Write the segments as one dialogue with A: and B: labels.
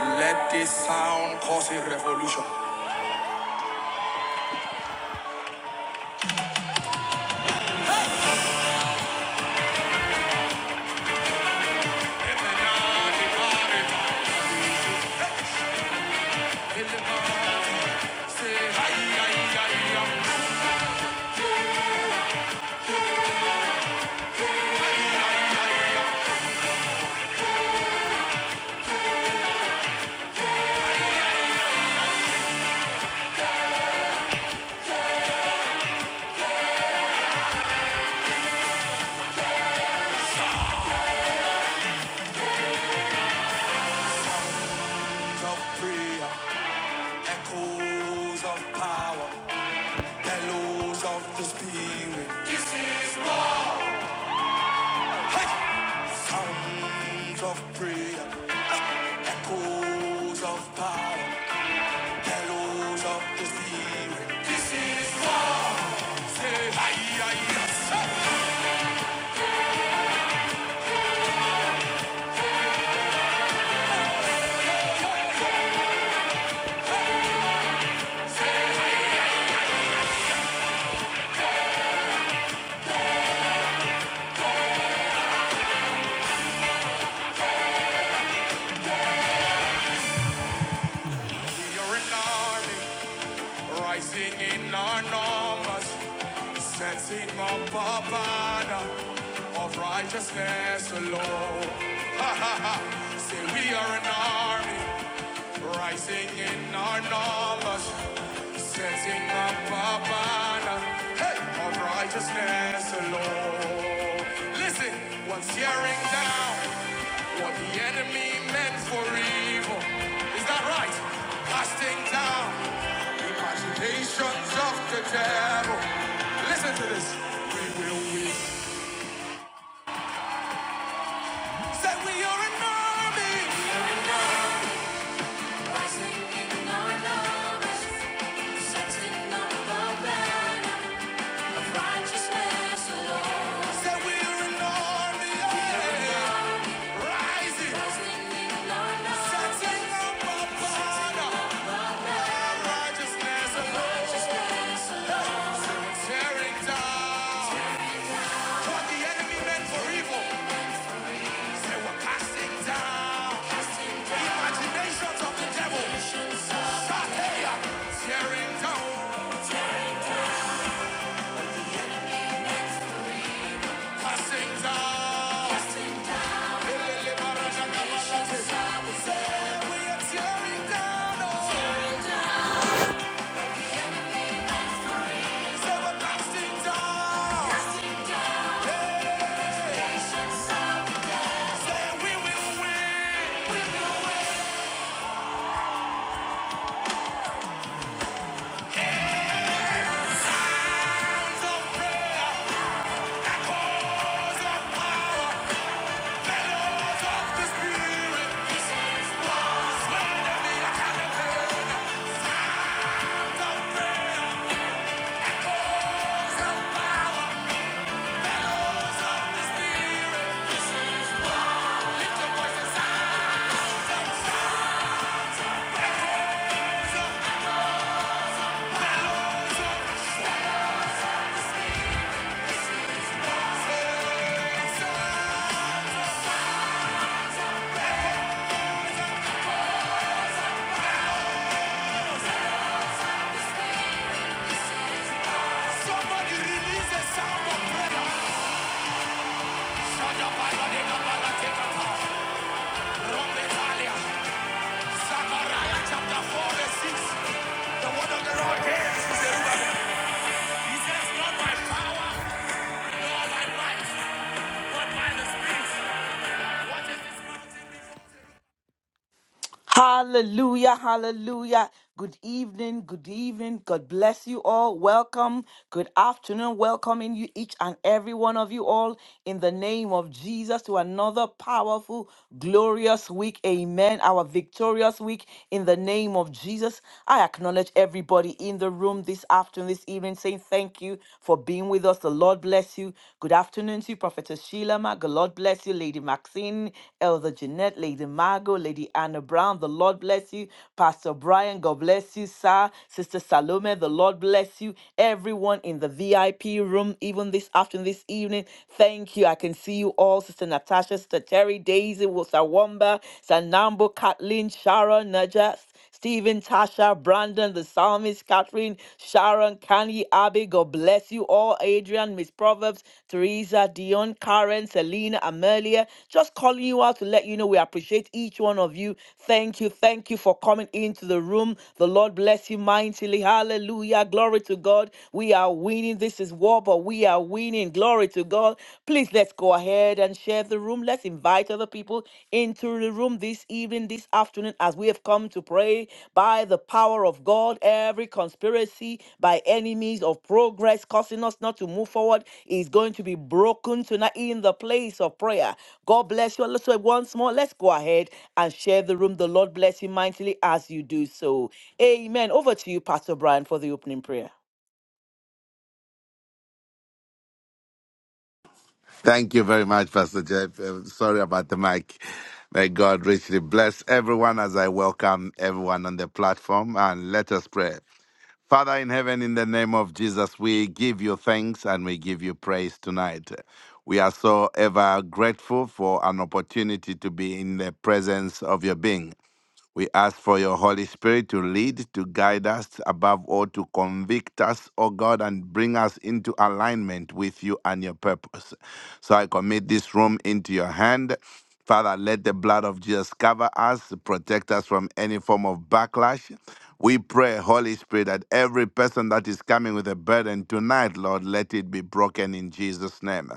A: Let this sound cause a revolution. Of prayer, echoes of power, bellows of the spirit. Sounds of prayer, echoes of power, bellows of the spirit. We are an army rising in our numbers, setting up a banner of righteousness alone. Say we are an army rising in our numbers. Setting up a banner hey, of righteousness alone. Listen, what's tearing down what the enemy meant for evil? Is that right? Casting down the imaginations of the devil. Listen to this. We will win. Said we are an army. We are an army. Setting up a banner. Righteousness alone. we're an army, yeah. Rising. Setting up a banner. Righteousness alone. Tearing down. What the enemy meant for evil, we're casting Imaginations of the devil. Tearing down. Casting down. We are tearing down. oh. Say we're casting down. Say we will win.
B: Hallelujah, hallelujah. Good evening, good evening. God bless you all. Welcome. Good afternoon. Welcoming you each and every one of you all in the name of Jesus to another powerful, glorious week. Amen. Our victorious week in the name of Jesus. I acknowledge everybody in the room this afternoon, this evening, saying thank you for being with us. The Lord bless you. Good afternoon to you, Prophetess Sheila. Ma. The Lord bless you, Lady Maxine, Elder Jeanette, Lady Margaret. Margot, Lady Anna Brown. The Lord bless you. Pastor Brian, God bless you, sir. Sister Salome, the Lord bless you. Everyone in the VIP room, even this afternoon, this evening, thank you. I can see you all. Sister Natasha, Sister Terry, Daisy, Wosawamba, Sanambo, Kathleen, Sharon, Najas. Stephen, Tasha, Brandon, the psalmist, Catherine, Sharon, Kanye, Abby, God bless you all. Adrian, Miss Proverbs, Teresa, Dion, Karen, Selena, Amelia, just calling you out out to let you know we appreciate each one of you. Thank you. Thank you for coming into the room. The Lord bless you mightily. Hallelujah. Glory to God. We are winning. This is war, but we are winning. Glory to God. Please let's go ahead and share the room. Let's invite other people into the room this evening, this afternoon, as we have come to pray by the power of God. Every conspiracy by enemies of progress causing us not to move forward is going to be broken tonight in the place of prayer. God bless you. So once more, let's go ahead and share the room. The Lord bless you mightily as you do so. Amen. Over to you, Pastor Brian, for the opening prayer.
C: Thank you very much, Pastor Jeff. Uh, Sorry about the mic. May God richly bless everyone as I welcome everyone on the platform and let us pray. Father in heaven, in the name of Jesus, we give you thanks and we give you praise tonight. We are so ever grateful for an opportunity to be in the presence of your being. We ask for your Holy Spirit to lead, to guide us, above all, to convict us, O God, and bring us into alignment with you and your purpose. So I commit this room into your hand. Father, let the blood of Jesus cover us, protect us from any form of backlash. We pray, Holy Spirit, that every person that is coming with a burden tonight, Lord, let it be broken in Jesus' name.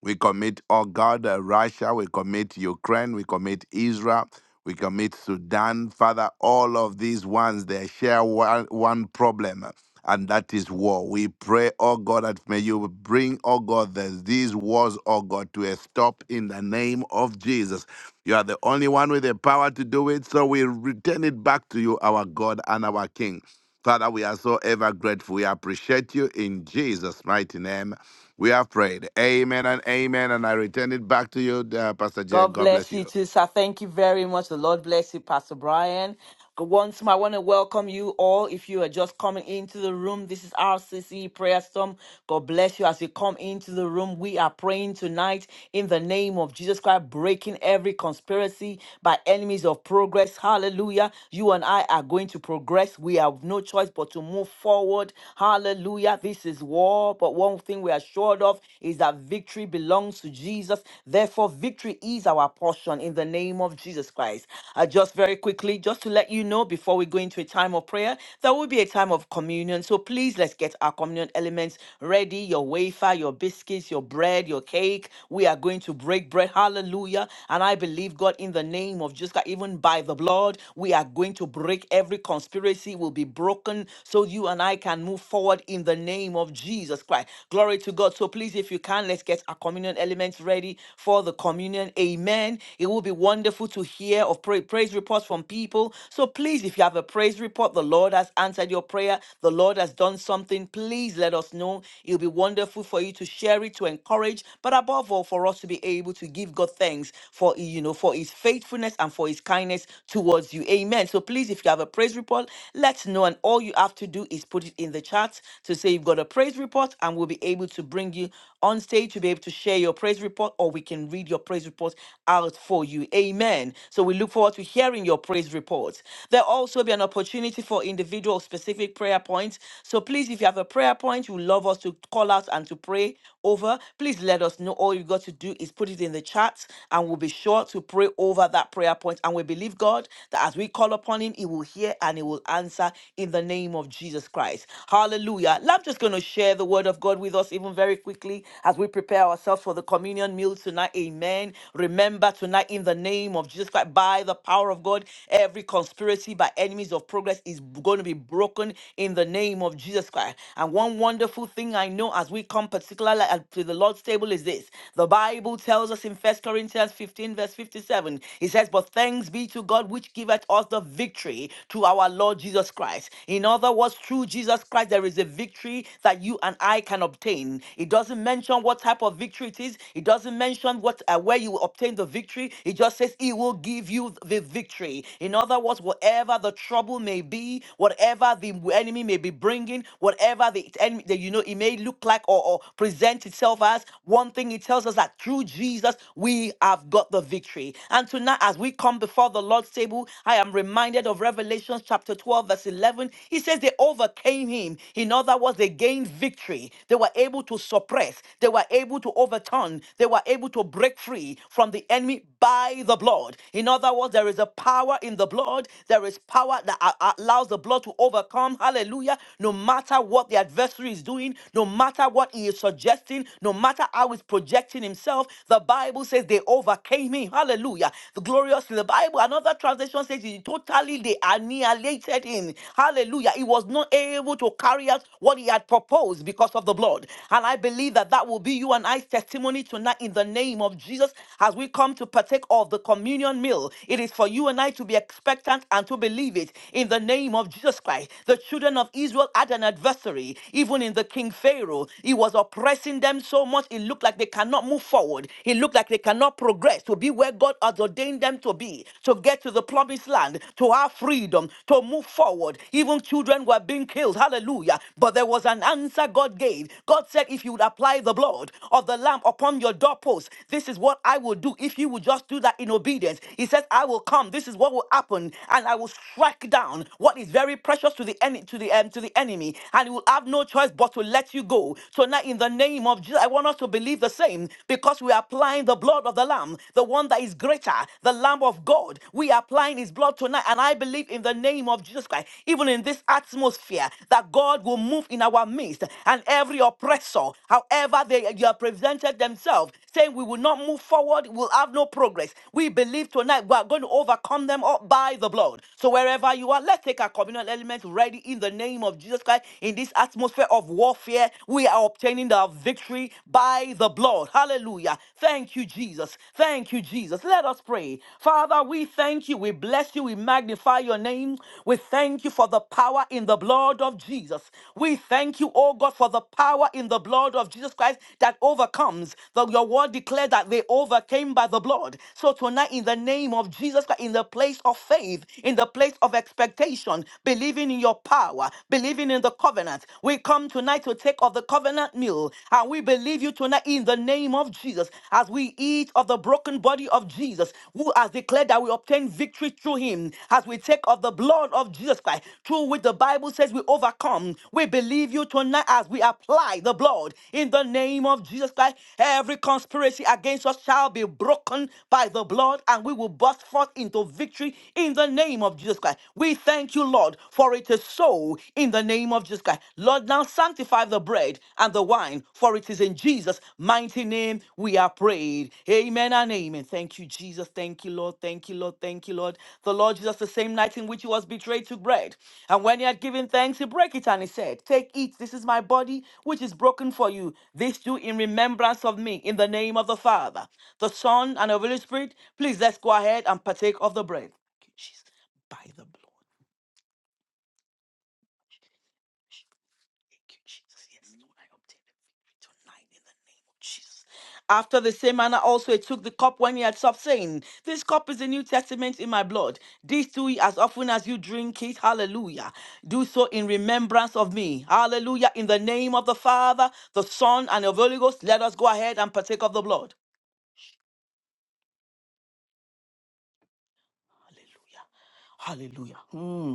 C: We commit, oh God, uh, Russia. We commit Ukraine. We commit Israel. We commit Sudan. Father, all of these ones, they share one, one problem, uh, and that is war. We pray, oh God, that may you bring, oh God, the, these wars, oh God, to a stop in the name of Jesus. You are the only one with the power to do it, so we return it back to you, our God and our King. Father, we are so ever grateful. We appreciate you in Jesus' mighty name. We have prayed. Amen and amen. And I return it back to you, uh, Pastor Jay.
B: God
C: God bless
B: bless you
C: you.
B: too, sir. Thank you very much. The Lord bless you, Pastor Brian. Good once more, I want to welcome you all. If you are just coming into the room, this is RCC Prayer Storm. God bless you as you come into the room. We are praying tonight in the name of Jesus Christ, breaking every conspiracy by enemies of progress. Hallelujah. You and I are going to progress. We have no choice but to move forward. Hallelujah. This is war, but one thing we are assured of is that victory belongs to Jesus. Therefore, victory is our portion in the name of Jesus. Christ sacrifice. Uh, just very quickly, just to let you know before we go into a time of prayer, there will be a time of communion. So please let's get our communion elements ready your wafer, your biscuits, your bread, your cake. We are going to break bread. Hallelujah. And I believe, God, in the name of Jesus, Christ, even by the blood, we are going to break every conspiracy, will be broken so you and I can move forward in the name of Jesus Christ. Glory to God. So please, if you can, let's get our communion elements ready for the communion union. Amen. It will be wonderful to hear of pray- praise reports from people. So please, if you have a praise report, the Lord has answered your prayer, the Lord has done something, please let us know. It'll be wonderful for you to share it, to encourage, but above all, for us to be able to give God thanks for, you know, for his faithfulness and for his kindness towards you. Amen. So please, if you have a praise report, let's know. And all you have to do is put it in the chat to say you've got a praise report, and we'll be able to bring you on stage to be able to to share your praise report or we can read your praise report out for you. Amen. So we look forward to hearing your praise reports. There'll also be an opportunity for individual specific prayer points. So please, if you have a prayer point you would love us to call out and to pray over, please let us know. All you got to do is put it in the chat and we'll be sure to pray over that prayer point. And we believe God that as we call upon Him, He will hear and He will answer in the name of Jesus Christ. Hallelujah. Now I'm just going to share the word of God. Lord with us even very quickly as we prepare ourselves for the communion meal tonight. Amen. Remember tonight, in the name of Jesus Christ, by the power of God, every conspiracy by enemies of progress is going to be broken in the name of Jesus Christ. And one wonderful thing I know as we come particularly at- to the Lord's table is this the Bible tells us in First Corinthians 15, verse 57, it says, But thanks be to God which giveth us the victory to our Lord Jesus Christ. In other words, through Jesus Christ. Christ, there is a victory that you and I can obtain. It doesn't mention what type of victory it is. It doesn't mention what uh, where you will obtain the victory. It just says He will give you the victory. In other words, whatever the trouble may be, whatever the enemy may be bringing, whatever the enemy that you know it may look like or, or present itself as, one thing it tells us that through Jesus we have got the victory. And tonight, as we come before the Lord's table, I am reminded of Revelation chapter 12. verse verse 11, he says they overcame him. In other words, they gained victory. They were able to suppress, they were able to overturn, they were able to break free from the enemy by the blood. In other words, there is a power in the blood. There is power that a- allows the blood to overcome. Hallelujah. No matter what the adversary is doing, no matter what he is suggesting, no matter how he's projecting himself, the Bible says they overcame him. Hallelujah. The glorious in the Bible. Another translation says crazy. Totally, they annihilated him. Hallelujah. He was not able to carry out what he had proposed because of the blood. And I believe that that will be you and I's testimony tonight in the name of Jesus as we come to partake of the communion meal. It is for you and I to be expectant and to believe it in the name of Jesus Christ. The children of Israel had an adversary, even in the king Pharaoh. He was oppressing them so much, it looked like they cannot move forward. It looked like they cannot progress to be where God has has ordained them to be, to get to the promised land, to have freedom, to move forward. Even children were being killed. Hallelujah. But there was an answer God gave. God said, If you would apply the blood of the Lamb upon your doorpost, this is what I will do. If you would just do that in obedience, He says, I will come. This is what will happen. And I will strike down what is very precious to the, enemy to the, um, to the enemy. And he will have no choice but to let you go. So now, in the name of Jesus, I want us to believe the same because we apply applying the blood of the Lamb, the one that is greater, the Lamb of God. We are applying His blood tonight, and I believe in the name of Jesus Christ, even in this atmosphere, that God will move in our midst, and every oppressor, however they you have presented themselves, saying we will not move forward, we'll have no progress. We believe tonight we are going to overcome them all by the blood. So wherever you are, let's take our communal element ready in the name of Jesus Christ. In this atmosphere of warfare, we are obtaining the victory by the blood. Hallelujah. Thank you, Jesus. Thank you, Jesus. Let us pray. Father, we thank you. We bless you. We magnify your name. We thank you for the power in the blood of Jesus. We thank you, oh God, for the power in the blood of Jesus Christ that overcomes. The, your word declared that they overcame by the blood. So tonight, in the name of Jesus Christ, in the place of faith, in the place of expectation, believing in your power, believing in the covenant, we come tonight to take of the covenant meal. And we believe you tonight in the name of Jesus as we eat of the broken body of Jesus, who has declared that we obtain victory through him. As we take of the blood of Jesus Christ, through which the Bible says we overcome. We believe you tonight as we apply the blood in the name of Jesus Christ. Every conspiracy against us shall be broken by the blood, and we will burst forth into victory in the name of Jesus Christ. We thank you, Lord, for it is so in the name of Jesus Christ. Lord, now sanctify the bread and the wine, for it is in Jesus' mighty name we are prayed. Amen and amen. Thank you, Jesus. Thank you, Lord. Thank you, Lord. Thank you, Lord. The Lord Jesus, the same night in which he was betrayed, took bread. And when he had given thanks, he broke it and he said, Take, eat. This is my body, which is broken for you. This do in remembrance of me, in the name of the Father, the Son, and the Holy Spirit. Please let's go ahead and partake of the bread. Thank you, Jesus. By the blood. you, Jesus. Yes, Lord, I obtain the victory tonight in the name of Jesus. After the same manner, also he took the cup when he had stopped, saying, This cup is the New Testament in my blood. This do ye as often as you drink it. Hallelujah. Do so in remembrance of me. Hallelujah. In the name of the Father, the Son, and of the Holy Ghost, let us go ahead and partake of the blood. Hallelujah. Hallelujah. Hmm.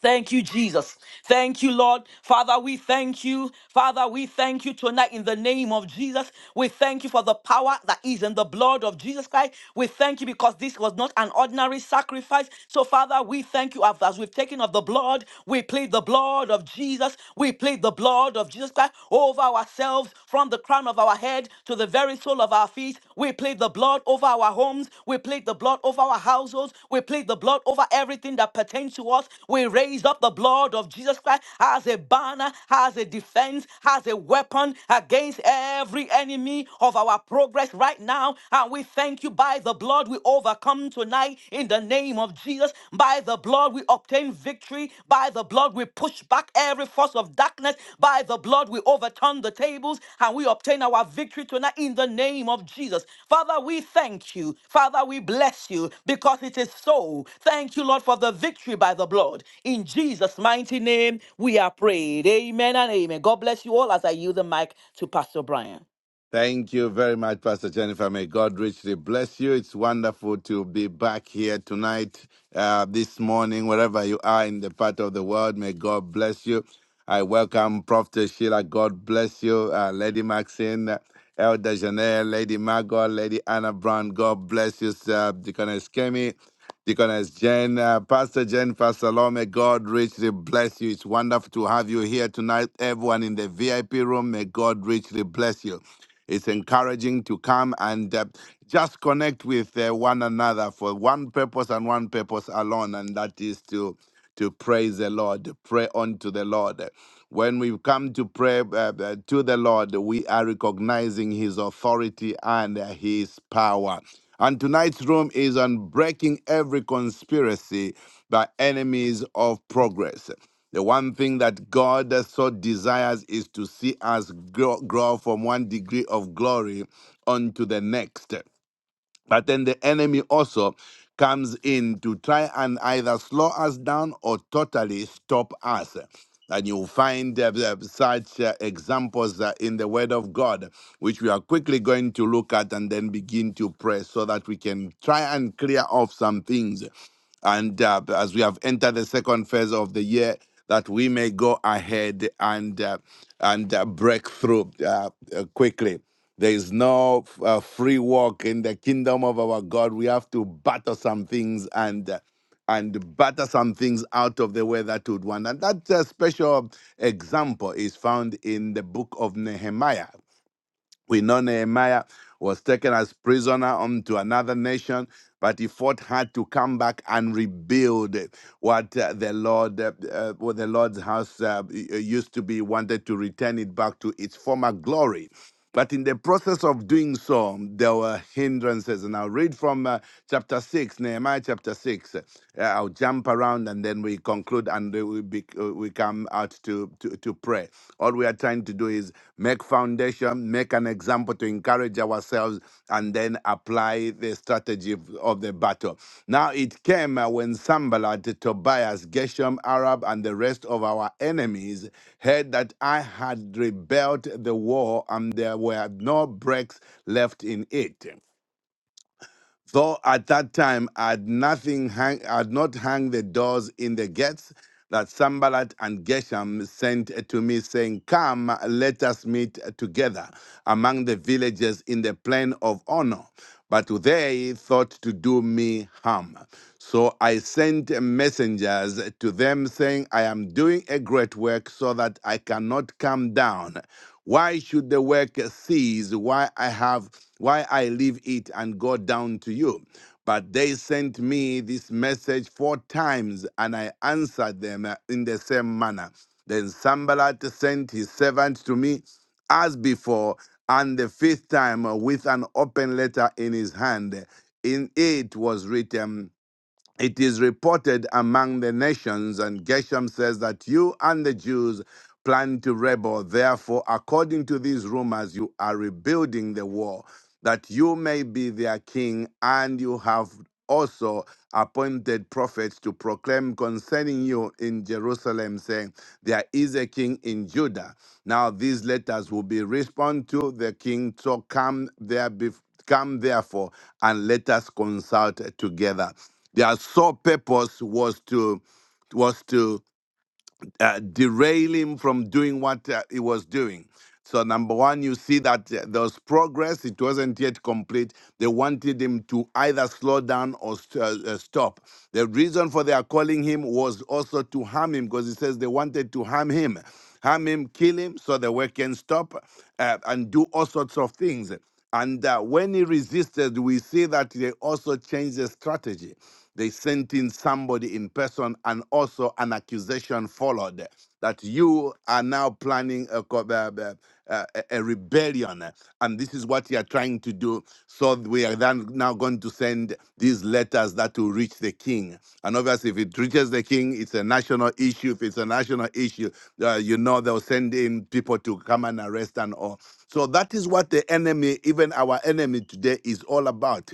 B: Thank you, Jesus. Thank you, Lord. Father, we thank you. Father, we thank you tonight in the name of Jesus. We thank you for the power that is in the blood of Jesus Christ. We thank you because this was not an ordinary sacrifice. So, Father, we thank you as we've taken of the blood. We plead the blood of Jesus. We plead the blood of Jesus Christ over ourselves from the crown of our head to the very sole of our feet. We plead the blood over our homes. We plead the blood over our households. We plead the blood over everything that pertains to us. We raise up the blood of Jesus Christ as a banner, as a defense, as a weapon against every enemy of our progress right now. And we thank you by the blood we overcome tonight in the name of Jesus. By the blood we obtain victory. By the blood, we push back every force of darkness. By the blood, we overturn the tables and we obtain our victory tonight in the name of Jesus. Father, we thank you. Father, we bless you because it is so. Thank you, Lord, for the victory by the blood. In Jesus' mighty name, we are prayed. Amen and amen. God bless you all as I yield the mic to Pastor Brian.
C: Thank you very much, Pastor Jennifer. May God richly bless you. It's wonderful to be back here tonight, uh, this morning, wherever you are in the part of the world. May God bless you. I welcome Prophet Sheila. God bless you. Uh, Lady Maxine, Elder Janelle, Lady Margot, Lady Anna Brown. God bless you, sir. Deaconess Kemi, Deaconess Jen, uh, Pastor Jen, Pastor Lome. God richly bless you. It's wonderful to have you here tonight. Everyone in the VIP room, may God richly bless you. It's encouraging to come and uh, just connect with uh, one another for one purpose and one purpose alone, and that is to to praise the Lord, to pray unto the Lord. When we come to pray uh, uh, to the Lord, we are recognizing His authority and uh, His power. And tonight's room is on breaking every conspiracy by enemies of progress. The one thing that God so desires is to see us grow, grow from one degree of glory unto the next. But then the enemy also comes in to try and either slow us down or totally stop us. And you'll find uh, uh, such uh, examples uh, in the Word of God, which we are quickly going to look at and then begin to pray so that we can try and clear off some things and uh, as we have entered the second phase of the year, that we may go ahead and uh, and uh, break through uh, uh, quickly. There is no uh, free walk in the kingdom of our God. We have to battle some things and. Uh, and batter some things out of the way that would want. And that uh, special example is found in the book of Nehemiah. We know Nehemiah was taken as prisoner unto another nation, but he fought hard to come back and rebuild what uh, the Lord, uh, uh, what the Lord's house uh, y- uh, used to be. Wanted to return it back to its former glory. But in the process of doing so, there were hindrances. And I'll read from uh, chapter 6, Nehemiah chapter 6. Uh, I'll jump around and then we conclude and uh, we, be, uh, we come out to, to, to pray. All we are trying to do is make foundation, make an example to encourage manage ourselves and then apply the strategy of of the battle. Now it came uh, when Sambalat, Tobias, Geshem, Arab, and the rest of our enemies heard that I had rebelled the war and there were no breaks left in it. Though at that time, I had nothing hang, I had not hung the doors in the gates that Sambalat and Geshem sent to me, saying, Come, let us meet together among the villages in the plain of honor. But they thought to do me harm. So I sent messengers to them, saying, I am doing a great work so that I cannot come down. Why should the work cease? Why I have why I leave it and go down to you. But they sent me this message four times, and I answered them uh, in the same manner. Then Sambalat sent his servant to me as before, and the fifth time uh, with an open letter in his hand. In it was written, it is reported among the nations, and Geshem says that you and the Jews plan to rebel. Therefore, according to these rumors, you are rebuilding the wall, that you may be their king, and you have also appointed prophets to proclaim concerning you in Jerusalem, saying, There is a king in Judah. Now these letters will be respond to the king. So come there bef- Come therefore and let us consult together. Their sole purpose was to was to uh, derail him from doing what uh, he was doing. So number one, you see that uh, there was progress; it wasn't yet complete. They wanted him to either slow down or st- uh, uh, stop. The reason for their calling him was also to harm him, because he says they wanted to harm him, harm him, kill him, so the work can stop uh, and do all sorts of things. And uh, when he resisted, we see that they also changed the strategy. They sent in somebody in person, and also an accusation followed that you are now planning a, co- uh, uh, uh, a, a rebellion, and this is what you are trying to do. So we are then now going to send these letters that will reach the king. And obviously, if it reaches the king, it's a national issue. If it's a national issue, uh, you know they'll send in people to come and arrest and all. So that is what the enemy, even our enemy today, is all about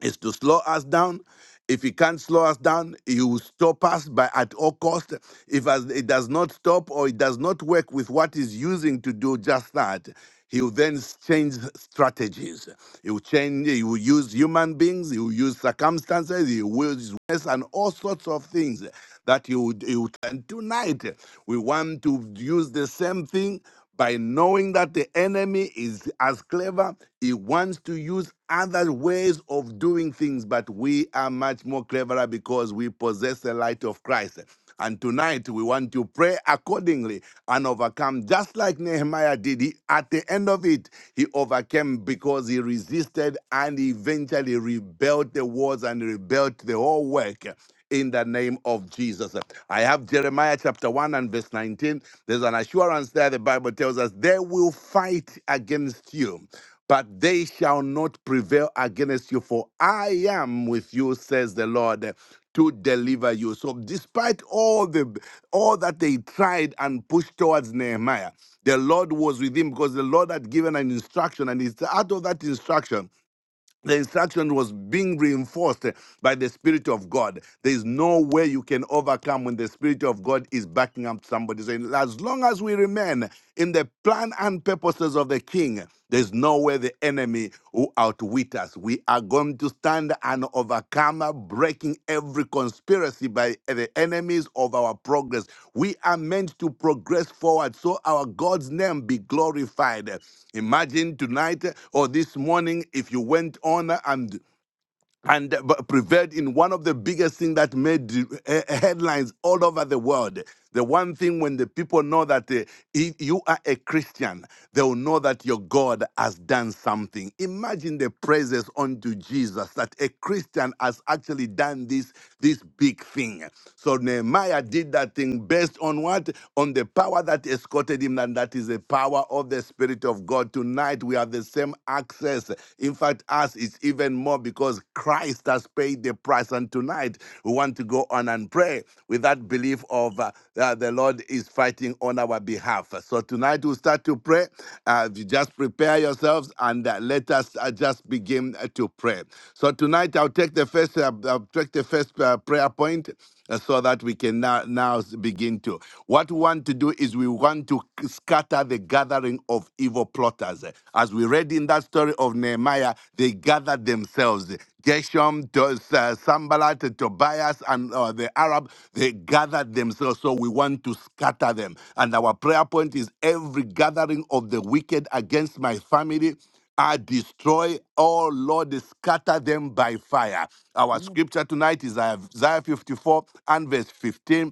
C: is to slow us down. If he can't slow us down, he will stop us by at all cost. If as- it does not stop or it does not work with what he's using to do just that, he will then change strategies. He will change. He will use human beings. He will use circumstances. He will use words and all sorts of things that he would. He would. And tonight, we want to use the same thing by knowing that the enemy is as clever, he wants to use other ways of doing things, but we are much more cleverer because we possess the light of Christ. And tonight we want to pray accordingly and overcome, just like Nehemiah did. He- At the the end of it, he overcame because he resisted and eventually rebuilt the walls and rebuilt the whole work in the name of Jesus. I have Jeremiah chapter 1 and verse 19. There's an assurance there. The Bible tells us they will fight against you but they shall not prevail against you, for I am with you, says the Lord, to deliver you. So despite all the all that they tried and pushed towards Nehemiah, the Lord was with him because the Lord had given an instruction, and it's out of that instruction the instruction was being reinforced eh, by the Spirit of God. There is no way you can overcome when the Spirit of God is backing up somebody. Saying, as long as we remain in the plan and purposes of the King, there's no way the enemy will outwit us. We are going to stand and overcome, breaking every conspiracy by the enemies of our progress. We are meant to progress forward so our God's name be glorified. Imagine tonight or this morning if you went on and and uh, prevailed in one of the biggest things that made uh, headlines all over the world. The one thing when the people know that uh, if you are a Christian, they will know that your God has done something. Imagine the praises unto Jesus that a Christian has actually done this this big thing. So Nehemiah did that thing based on what? On the power that escorted him, and that is the power of the Spirit of God. Tonight we have the same same access. In fact, us is even more because Christ has paid the price. And tonight, we want to go on and pray with that belief of uh, that the Lord is fighting on our behalf. So tonight, we'll start to pray. Uh, you just prepare yourselves and uh, let us uh, just begin uh, to pray. So tonight, I'll take the first, uh, I'll take the first uh, prayer point uh, so that we can now, now s- begin to. What we want to do is we want to c- scatter the gathering of evil plotters. As we read in that story of Nehemiah, they gathered themselves. Geshem, to, uh, Sambalat, Tobias, and uh, the Arab, they gathered themselves. So we want to scatter them. And our prayer point is every gathering of the wicked against my family I destroy all, Lord, scatter them by fire. Our scripture tonight is Isaiah 54 and verse 15.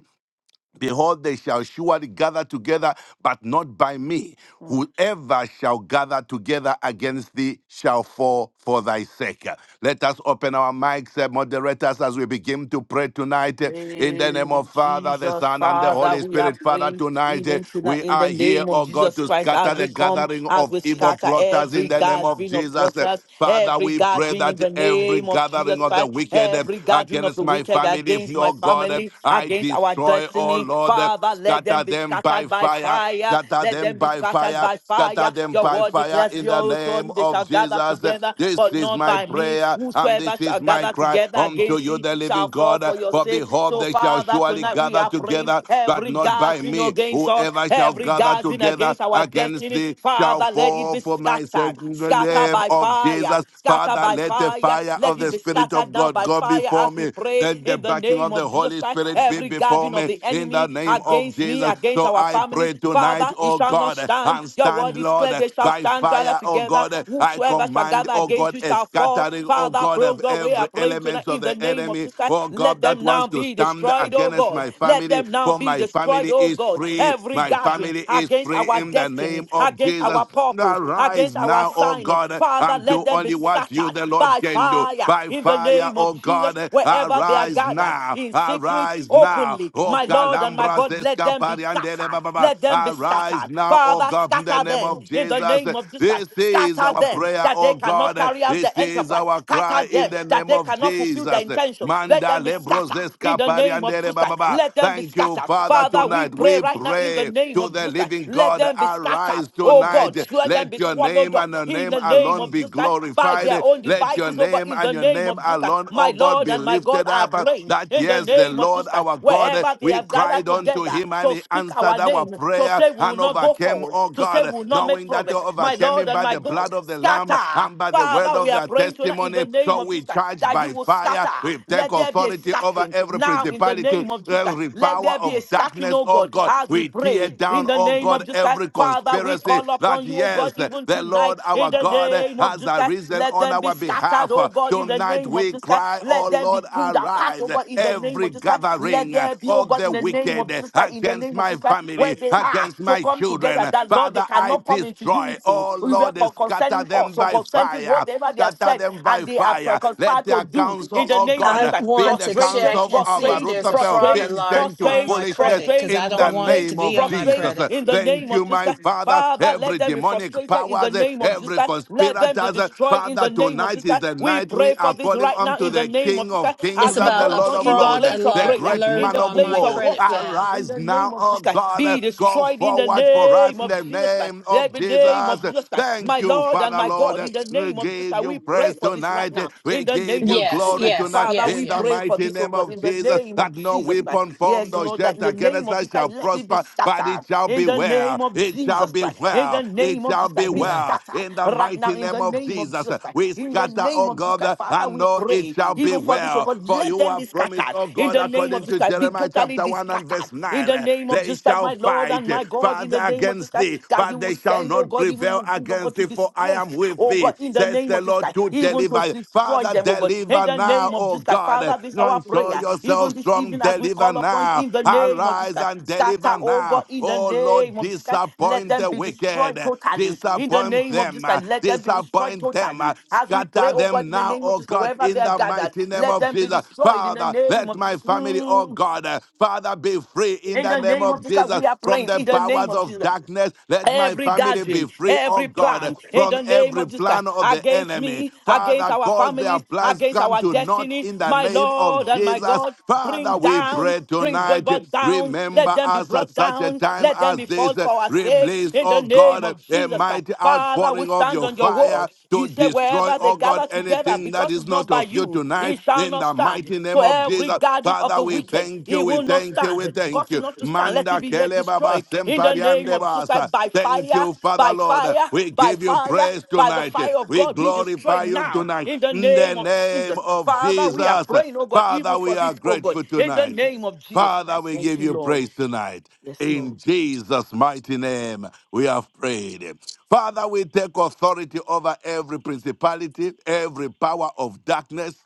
C: Behold, they shall surely gather together, but not by me. Whoever shall gather together against thee shall fall for thy sake. Let us open our mics, eh, moderators, as we begin to pray tonight. eh, In the name
B: Name
C: of
B: of
C: Father, the
B: Jesus,
C: Son, and the
B: Father,
C: Holy
B: we are
C: Spirit, Father,
B: praying
C: tonight eh,
B: even tonight
C: we
B: in
C: are
B: the
C: here,
B: name of
C: oh God,
B: Jesus
C: to
B: Christ
C: scatter
B: as
C: the
B: we come,
C: gathering
B: as
C: of
B: we
C: evil
B: scatter
C: plotters in
B: every
C: the name of
B: gathering of
C: Jesus. eh.
B: plotters,
C: Father,
B: every
C: we pray
B: gathering in
C: that
B: the
C: every
B: name of
C: gathering
B: Jesus
C: of the
B: Christ,
C: wicked eh,
B: every gathering of
C: against
B: the
C: my
B: wicked
C: family,
B: against
C: oh
B: my
C: God, eh,
B: family,
C: I
B: against our
C: destroy, oh
B: destiny.
C: Lord,
B: Father, let them
C: scatter
B: be
C: them
B: scattered
C: by
B: by
C: fire,
B: fire
C: scatter
B: let
C: them
B: them be
C: by
B: scattered
C: fire,
B: by
C: scatter
B: fire.
C: them
B: Your
C: by
B: word
C: fire
B: declares
C: in the
B: pure
C: name
B: ocean. They shall
C: of
B: gather
C: Jesus.
B: together,
C: This
B: but
C: is
B: not
C: my
B: by me.
C: prayer and
B: Whosoever
C: this
B: shall
C: is my
B: gather
C: cry
B: together
C: unto
B: against
C: you,
B: thee
C: the living
B: shall fall
C: God.
B: for your
C: For
B: sake.
C: behold,
B: So,
C: they shall
B: Father,
C: surely
B: tonight we
C: gather
B: are praying
C: together, but
B: every
C: not by
B: gathering
C: me.
B: against us,
C: Whoever shall
B: every
C: gather
B: gathering
C: together
B: against our
C: against
B: destiny.
C: thee shall
B: Father, let it
C: fall
B: be
C: for my
B: scattered,
C: sake in the
B: scattered
C: name
B: by
C: of
B: fire.
C: Jesus.
B: Scatter
C: Father,
B: by
C: let the
B: fire.
C: fire
B: Let
C: of
B: it
C: the
B: be
C: Spirit
B: scattered
C: of
B: down
C: God
B: by
C: go
B: fire
C: before
B: as we
C: me.
B: pray
C: Let the
B: in the
C: backing of
B: name
C: the
B: of Jesus
C: Holy
B: Christ.
C: Spirit be
B: Every
C: before
B: guardian of
C: me
B: the
C: in the
B: enemy
C: name of
B: against me,
C: Jesus.
B: against
C: So
B: our
C: I pray
B: families,
C: tonight,
B: Father, it
C: oh
B: shall not
C: God,
B: stand.
C: and
B: Your
C: stand,
B: word is
C: Lord,
B: clear. They shall
C: by
B: stand gather
C: fire, oh
B: together.
C: God. I
B: Whosoever shall
C: command,
B: gather
C: oh
B: against
C: God,
B: you
C: a
B: shall fall.
C: scattering, oh
B: Father,
C: God,
B: brother,
C: of
B: we
C: every
B: are praying tonight
C: element of
B: in the
C: the
B: name of
C: enemy,
B: Jesus Christ.
C: oh God,
B: Let
C: that
B: them now
C: wants to
B: be
C: stand
B: destroyed, oh
C: against
B: God.
C: my
B: Let
C: family.
B: them now
C: For
B: be
C: my
B: destroyed,
C: family
B: oh
C: is
B: God.
C: free.
B: Every
C: My
B: guardian
C: family is
B: against
C: free
B: our
C: in the
B: destiny,
C: name of
B: against against our
C: Jesus.
B: purpose,
C: Arise
B: against our
C: now, O
B: assignment.
C: God,
B: Father,
C: and
B: let
C: do
B: them be
C: only what you,
B: scattered
C: the Lord,
B: by
C: can do.
B: fire
C: By
B: in the
C: fire,
B: name
C: O
B: of Jesus,
C: God,
B: wherever they are
C: arise
B: gathered,
C: now,
B: in secret,
C: arise now.
B: openly.
C: O
B: My Lord and my
C: Calambras
B: God, let them be
C: Escapariandere
B: scattered.
C: Baba,
B: Let them be
C: arise
B: scattered.
C: now, O
B: Father,
C: God, in the
B: scatter
C: name
B: them
C: of
B: in the
C: Jesus.
B: name of Jesus. Christ.
C: This is
B: Scatter
C: our
B: them
C: prayer,
B: that
C: O
B: they cannot
C: God.
B: carry out
C: This
B: the
C: is
B: enterprise.
C: our cry
B: Scatter
C: in
B: them
C: the
B: that
C: name
B: they
C: of
B: cannot fulfill their
C: Jesus.
B: intentions. Let
C: Manda
B: them be
C: Lebros
B: scattered in the name of
C: Escapariandere
B: Jesus. Christ.
C: Baba.
B: Let them be
C: Thank you,
B: scattered.
C: Father,
B: Father, we
C: tonight.
B: pray pray
C: We
B: right now in the
C: pray
B: name
C: to
B: of
C: the
B: Jesus Christ.
C: living
B: Let
C: God,
B: them be
C: arise
B: scattered.
C: rise
B: Oh God,
C: tonight.
B: let them
C: Let
B: be
C: your
B: swallowed
C: name
B: up
C: and your
B: in
C: name
B: the name
C: alone
B: of
C: be
B: Jesus Christ by their
C: glorified.
B: own
C: Let your
B: devices, oh God,
C: name
B: in
C: and
B: the
C: your
B: name
C: name
B: of Jesus Christ.
C: alone, oh
B: My
C: God,
B: Lord
C: be
B: and my God,
C: lifted
B: I
C: up.
B: pray
C: That
B: in the
C: yes, the
B: name of
C: Lord
B: Jesus Christ.
C: our God,
B: Wherever they
C: we
B: have gathered
C: cried unto
B: together
C: him and
B: to
C: he
B: speak our
C: answered our
B: name, to
C: prayer
B: say we will
C: and
B: not go
C: overcame,
B: forward,
C: oh
B: to say we
C: God,
B: will not make
C: knowing that they
B: progress. My
C: overcame
B: Lord
C: him
B: and
C: by
B: my
C: the
B: God,
C: blood of the Lamb
B: scatter.
C: and by the word
B: Father,
C: of
B: we are
C: their
B: praying tonight in
C: testimony.
B: the name
C: So
B: of
C: we
B: Jesus Christ
C: charge
B: that you
C: by
B: will
C: fire.
B: scatter.
C: We take
B: Let there be a
C: authority over
B: scattering
C: every
B: morning. Now, in the
C: principality,
B: name of Jesus Christ,
C: every
B: let
C: power
B: there be a
C: of
B: scattering,
C: darkness,
B: oh
C: oh
B: God,
C: God.
B: as we
C: We tear
B: pray. In
C: down,
B: the
C: oh
B: name of
C: God,
B: Jesus
C: every
B: Christ,
C: every
B: Father, we
C: conspiracy
B: call
C: that,
B: upon you, oh
C: yes,
B: God, even
C: the Lord
B: tonight. In
C: our
B: the
C: God
B: name of
C: has
B: Jesus Christ,
C: arisen
B: let
C: on
B: them be
C: our
B: scattered,
C: behalf.
B: oh God, in the
C: Tonight
B: name of
C: we
B: Jesus Christ.
C: cry, Oh
B: Let them be
C: Lord,
B: pulled apart, oh
C: arise.
B: God, in the name
C: Every
B: of Jesus Christ. Let
C: gathering
B: there be, oh
C: of
B: God,
C: the
B: in the name of
C: wicked
B: Jesus Christ, in the
C: against
B: name of
C: my
B: Jesus Christ, where
C: family,
B: they are
C: against
B: to
C: my
B: come together,
C: children,
B: that Lord, they
C: Father, I
B: cannot come into
C: destroy.
B: unity.
C: Oh
B: We were
C: Lord, scatter
B: concerning
C: them
B: us, or
C: by
B: concerning
C: fire.
B: whatever they have
C: Scatter
B: said,
C: them by
B: and they they have
C: fire.
B: tried,
C: Let
B: conspired
C: their
B: to do
C: counsel,
B: in the
C: oh
B: name of
D: I
B: Jesus.
C: God,
B: Like
C: be
D: want
C: the
D: to
B: frustrate,
D: check
C: counsel
D: and
C: of
D: see
C: a
D: if
B: frustrate,
D: there's a
C: Rutherford.
D: fraud
B: frustrate,
C: Bring them
D: alert
C: to
D: on
B: frustrate,
D: my
C: foolishness
D: credit because
B: frustrate,
D: I
C: in
D: don't
C: the
D: want it to
B: frustrate,
C: name
D: be
C: of
D: on my
C: Jesus.
B: frustrate
D: credit.
B: in the
C: Thank
B: name
C: you,
B: of Jesus.
C: my
B: Christ.
C: Father.
B: Father, let
C: Every
B: them be
C: demonic
B: frustrated in the
C: powers,
B: name of Jesus
C: every
B: Christ. Let them be
C: conspirators,
B: destroyed in
C: Father,
B: the name of
C: tonight
B: Jesus
C: is
B: Christ.
C: the
B: We
C: night we
B: pray for
C: are
B: this
C: calling
B: right now
C: unto
B: in the
C: the
B: name of
C: King
B: Jesus
C: of
B: Christ
D: It's
B: as
C: Kings
B: we
C: and
D: about
C: the
B: call
D: a
C: Lord
B: upon
C: of
B: in the
D: fraud
C: Lords,
B: place of
C: the
D: alert
B: prayer,
C: great
B: in
D: alert
C: man
B: the
C: of
D: on
B: place
D: my
B: of
C: war.
D: credit
B: warfare.
D: file.
B: In
C: Arise
B: the
C: now,
B: name of
C: oh
B: Jesus Christ,
C: God.
B: be
C: Go
B: destroyed in the
C: forward for us right
B: name
C: in
B: of
C: the
B: Jesus Christ.
C: name of
B: Let the name
C: Jesus.
B: of Jesus Christ,
C: Thank
B: my
C: you,
B: Lord and
C: Father
B: my God,
C: Lord.
B: in the
C: We
B: name of Jesus
C: give
B: Christ, we
C: you
B: pray
C: praise
B: for this right
C: tonight.
B: now.
C: We
B: In the
C: give
B: name
C: you
B: of
D: Yes,
B: Jesus
C: glory
B: Christ,
D: yes,
C: tonight
B: Father,
D: yes,
C: in
B: we
C: the
B: pray
D: yes.
B: for
C: mighty
B: this, oh
C: name
B: God,
C: of
B: in the
C: Jesus.
B: name of
C: That no
B: Jesus Christ.
C: weapon formed
B: Yes,
C: or
B: Lord, that
C: shaped
B: in the name
C: against
B: of
C: us
B: Jesus
C: shall
B: Christ, let it be
C: prosper, but it
B: scattered.
C: shall
B: In
C: be
B: the
C: well.
B: name of
C: It shall
B: Jesus
C: be
B: Christ, in the
C: well. It
B: name of
C: shall
B: Jesus
C: be
B: Christ, be
D: No.
C: well
B: scattered
C: in the
B: right now.
C: mighty
B: In
C: name
B: the
C: of
B: name of
C: Jesus.
B: Jesus Christ,
C: We
B: in the
C: scatter,
B: name
C: oh
B: of Jesus
C: God,
B: Christ, Father,
C: and
B: we
C: know it
B: pray
C: shall be
B: even for this, oh
C: well.
B: God,
C: For
B: let
C: you
B: them be
C: have promised,
B: scattered.
C: oh
B: In
C: God,
B: the
C: according
B: name of
C: according
B: Jesus
C: to
B: Christ, be
C: Jeremiah
B: totally
C: chapter
B: totally
C: 1 and
B: discattered.
C: verse
B: In
C: 9,
B: the
C: eh,
B: name of
C: they
B: just that,
C: shall
B: my Lord and
C: fight, eh,
B: my God, in
C: Father,
B: the name of just
C: against
B: that,
C: thee,
B: that you
C: but
B: will
C: they shall
B: send, oh
C: not
B: God, even the
C: prevail
B: wind, oh
C: against
B: God, to
C: thee, for I
B: displace,
C: am with
B: oh God,
C: thee,
B: in the
C: says
B: name
C: the
B: of just
C: Lord
B: that,
C: to
B: even to
C: deliver.
B: destroy
C: Father,
B: them, oh God, in
C: deliver
B: the
C: now,
B: name of
C: O
B: just that.
C: God. eh,
B: Father, this is our
C: Show
B: prayer, even
C: yourself
B: this
C: strong,
B: evening as we
C: deliver
B: call upon you,
C: now.
B: in the name of just
C: Arise
B: that,
C: and
B: scatter,
C: deliver
B: oh God,
C: now.
B: in the
C: O
B: name
C: Lord,
B: of just that, let
C: disappoint
B: them
C: the
B: be
C: wicked,
B: destroyed
C: eh,
B: totally, in the
C: disappoint
B: name of
C: them,
B: just that,
C: eh,
B: let them be destroyed
C: disappoint them,
B: totally.
C: eh,
B: As we
C: scatter
B: pray,
C: Enter
B: oh God,
C: them
B: in the
C: now,
B: name of
C: oh
B: just
C: God,
B: wherever they
C: in
B: are
C: the
B: gathered,
C: mighty name
B: let
C: of
B: them be
C: Jesus.
B: destroyed in the
C: Father,
B: name
C: let
B: of
C: my
B: Jesus.
C: family, oh
B: Mm.
C: God, uh, Father, be free in
B: In
C: the
B: the
C: name
B: name of
C: of
B: Jesus, Christ,
C: Jesus
B: we are
C: from
B: praying.
C: the
B: In the name
C: powers
B: of
C: of
B: Jesus,
C: darkness. Let my
B: every
C: family be
B: gathering,
C: free, oh
B: every
C: God, uh,
B: plan, in
C: from
B: the name
C: every
B: of Jesus, Christ,
C: plan of the
B: against
C: enemy.
B: me, against
C: Father,
B: our
C: cause their
B: families,
C: plans
B: against
C: come
B: our
C: to naught
B: destiny,
C: in the
B: my
C: name
B: Lord
C: of
B: and my
C: Jesus.
B: God, bring
C: Father, we
B: down,
C: pray
B: bring
C: tonight.
B: God down. Let
C: Remember
B: them be
C: us at
B: brought
C: such a
B: down.
C: time
B: Let them
C: as
B: be
C: this.
B: fall for our
C: Release
B: sake.
C: is,
B: In the
C: oh
B: name
C: God,
B: of
C: a
B: Jesus Christ,
C: mighty
B: Father, we
C: outpouring of
B: stand
C: your
B: on your
C: fire
B: word.
C: to
B: You say
C: destroy,
B: wherever they
C: oh God,
B: gather together,
C: anything that
B: because
C: is
B: is not
C: not
B: by
C: of you
B: you,
C: tonight.
B: it shall
C: In
B: not
C: the
B: stand.
C: mighty
B: So
C: name of
B: every
C: Jesus,
B: garden of
C: Father,
B: the
C: we
B: wicked,
C: thank you,
B: it
C: we
B: will not
C: thank you, we
B: stand. Cause
C: thank
B: it
C: you.
B: not to stand. Let it
C: Manda
B: be yet
C: kele baba
B: destroyed. In the name
C: sempariande
B: of Jesus,
C: basa.
B: Christ, by
C: Thank
B: fire,
C: you, Father
B: by
C: Lord.
B: fire,
C: We
B: by
C: give you
B: fire,
C: praise
B: by the
C: tonight.
B: fire of
C: We
B: God, be
C: glorify
B: destroyed
C: you
B: now.
C: tonight.
B: In the
C: In the
B: name of
C: name
B: Jesus.
C: of
B: Father, we are
C: Jesus,
B: praying, oh God,
C: Father,
B: even
C: we
B: for this,
C: are
B: oh God.
C: grateful
B: In the
C: tonight.
B: name of Jesus
C: Father,
B: Christ.
C: we
B: Thank
C: give
B: you,
C: you
B: Lord.
C: praise tonight.
B: Yes, Lord.
C: In Jesus' mighty name, we have prayed. Father, we take authority over every principality, every power of darkness.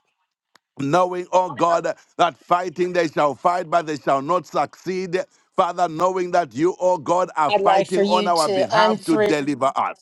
C: Knowing, oh God, that fighting they shall fight, but they shall not succeed. Father, knowing that you, oh God, are
D: I'd like for
C: fighting on
D: you
C: our
D: to
C: behalf to
D: unfreeze.
C: deliver us.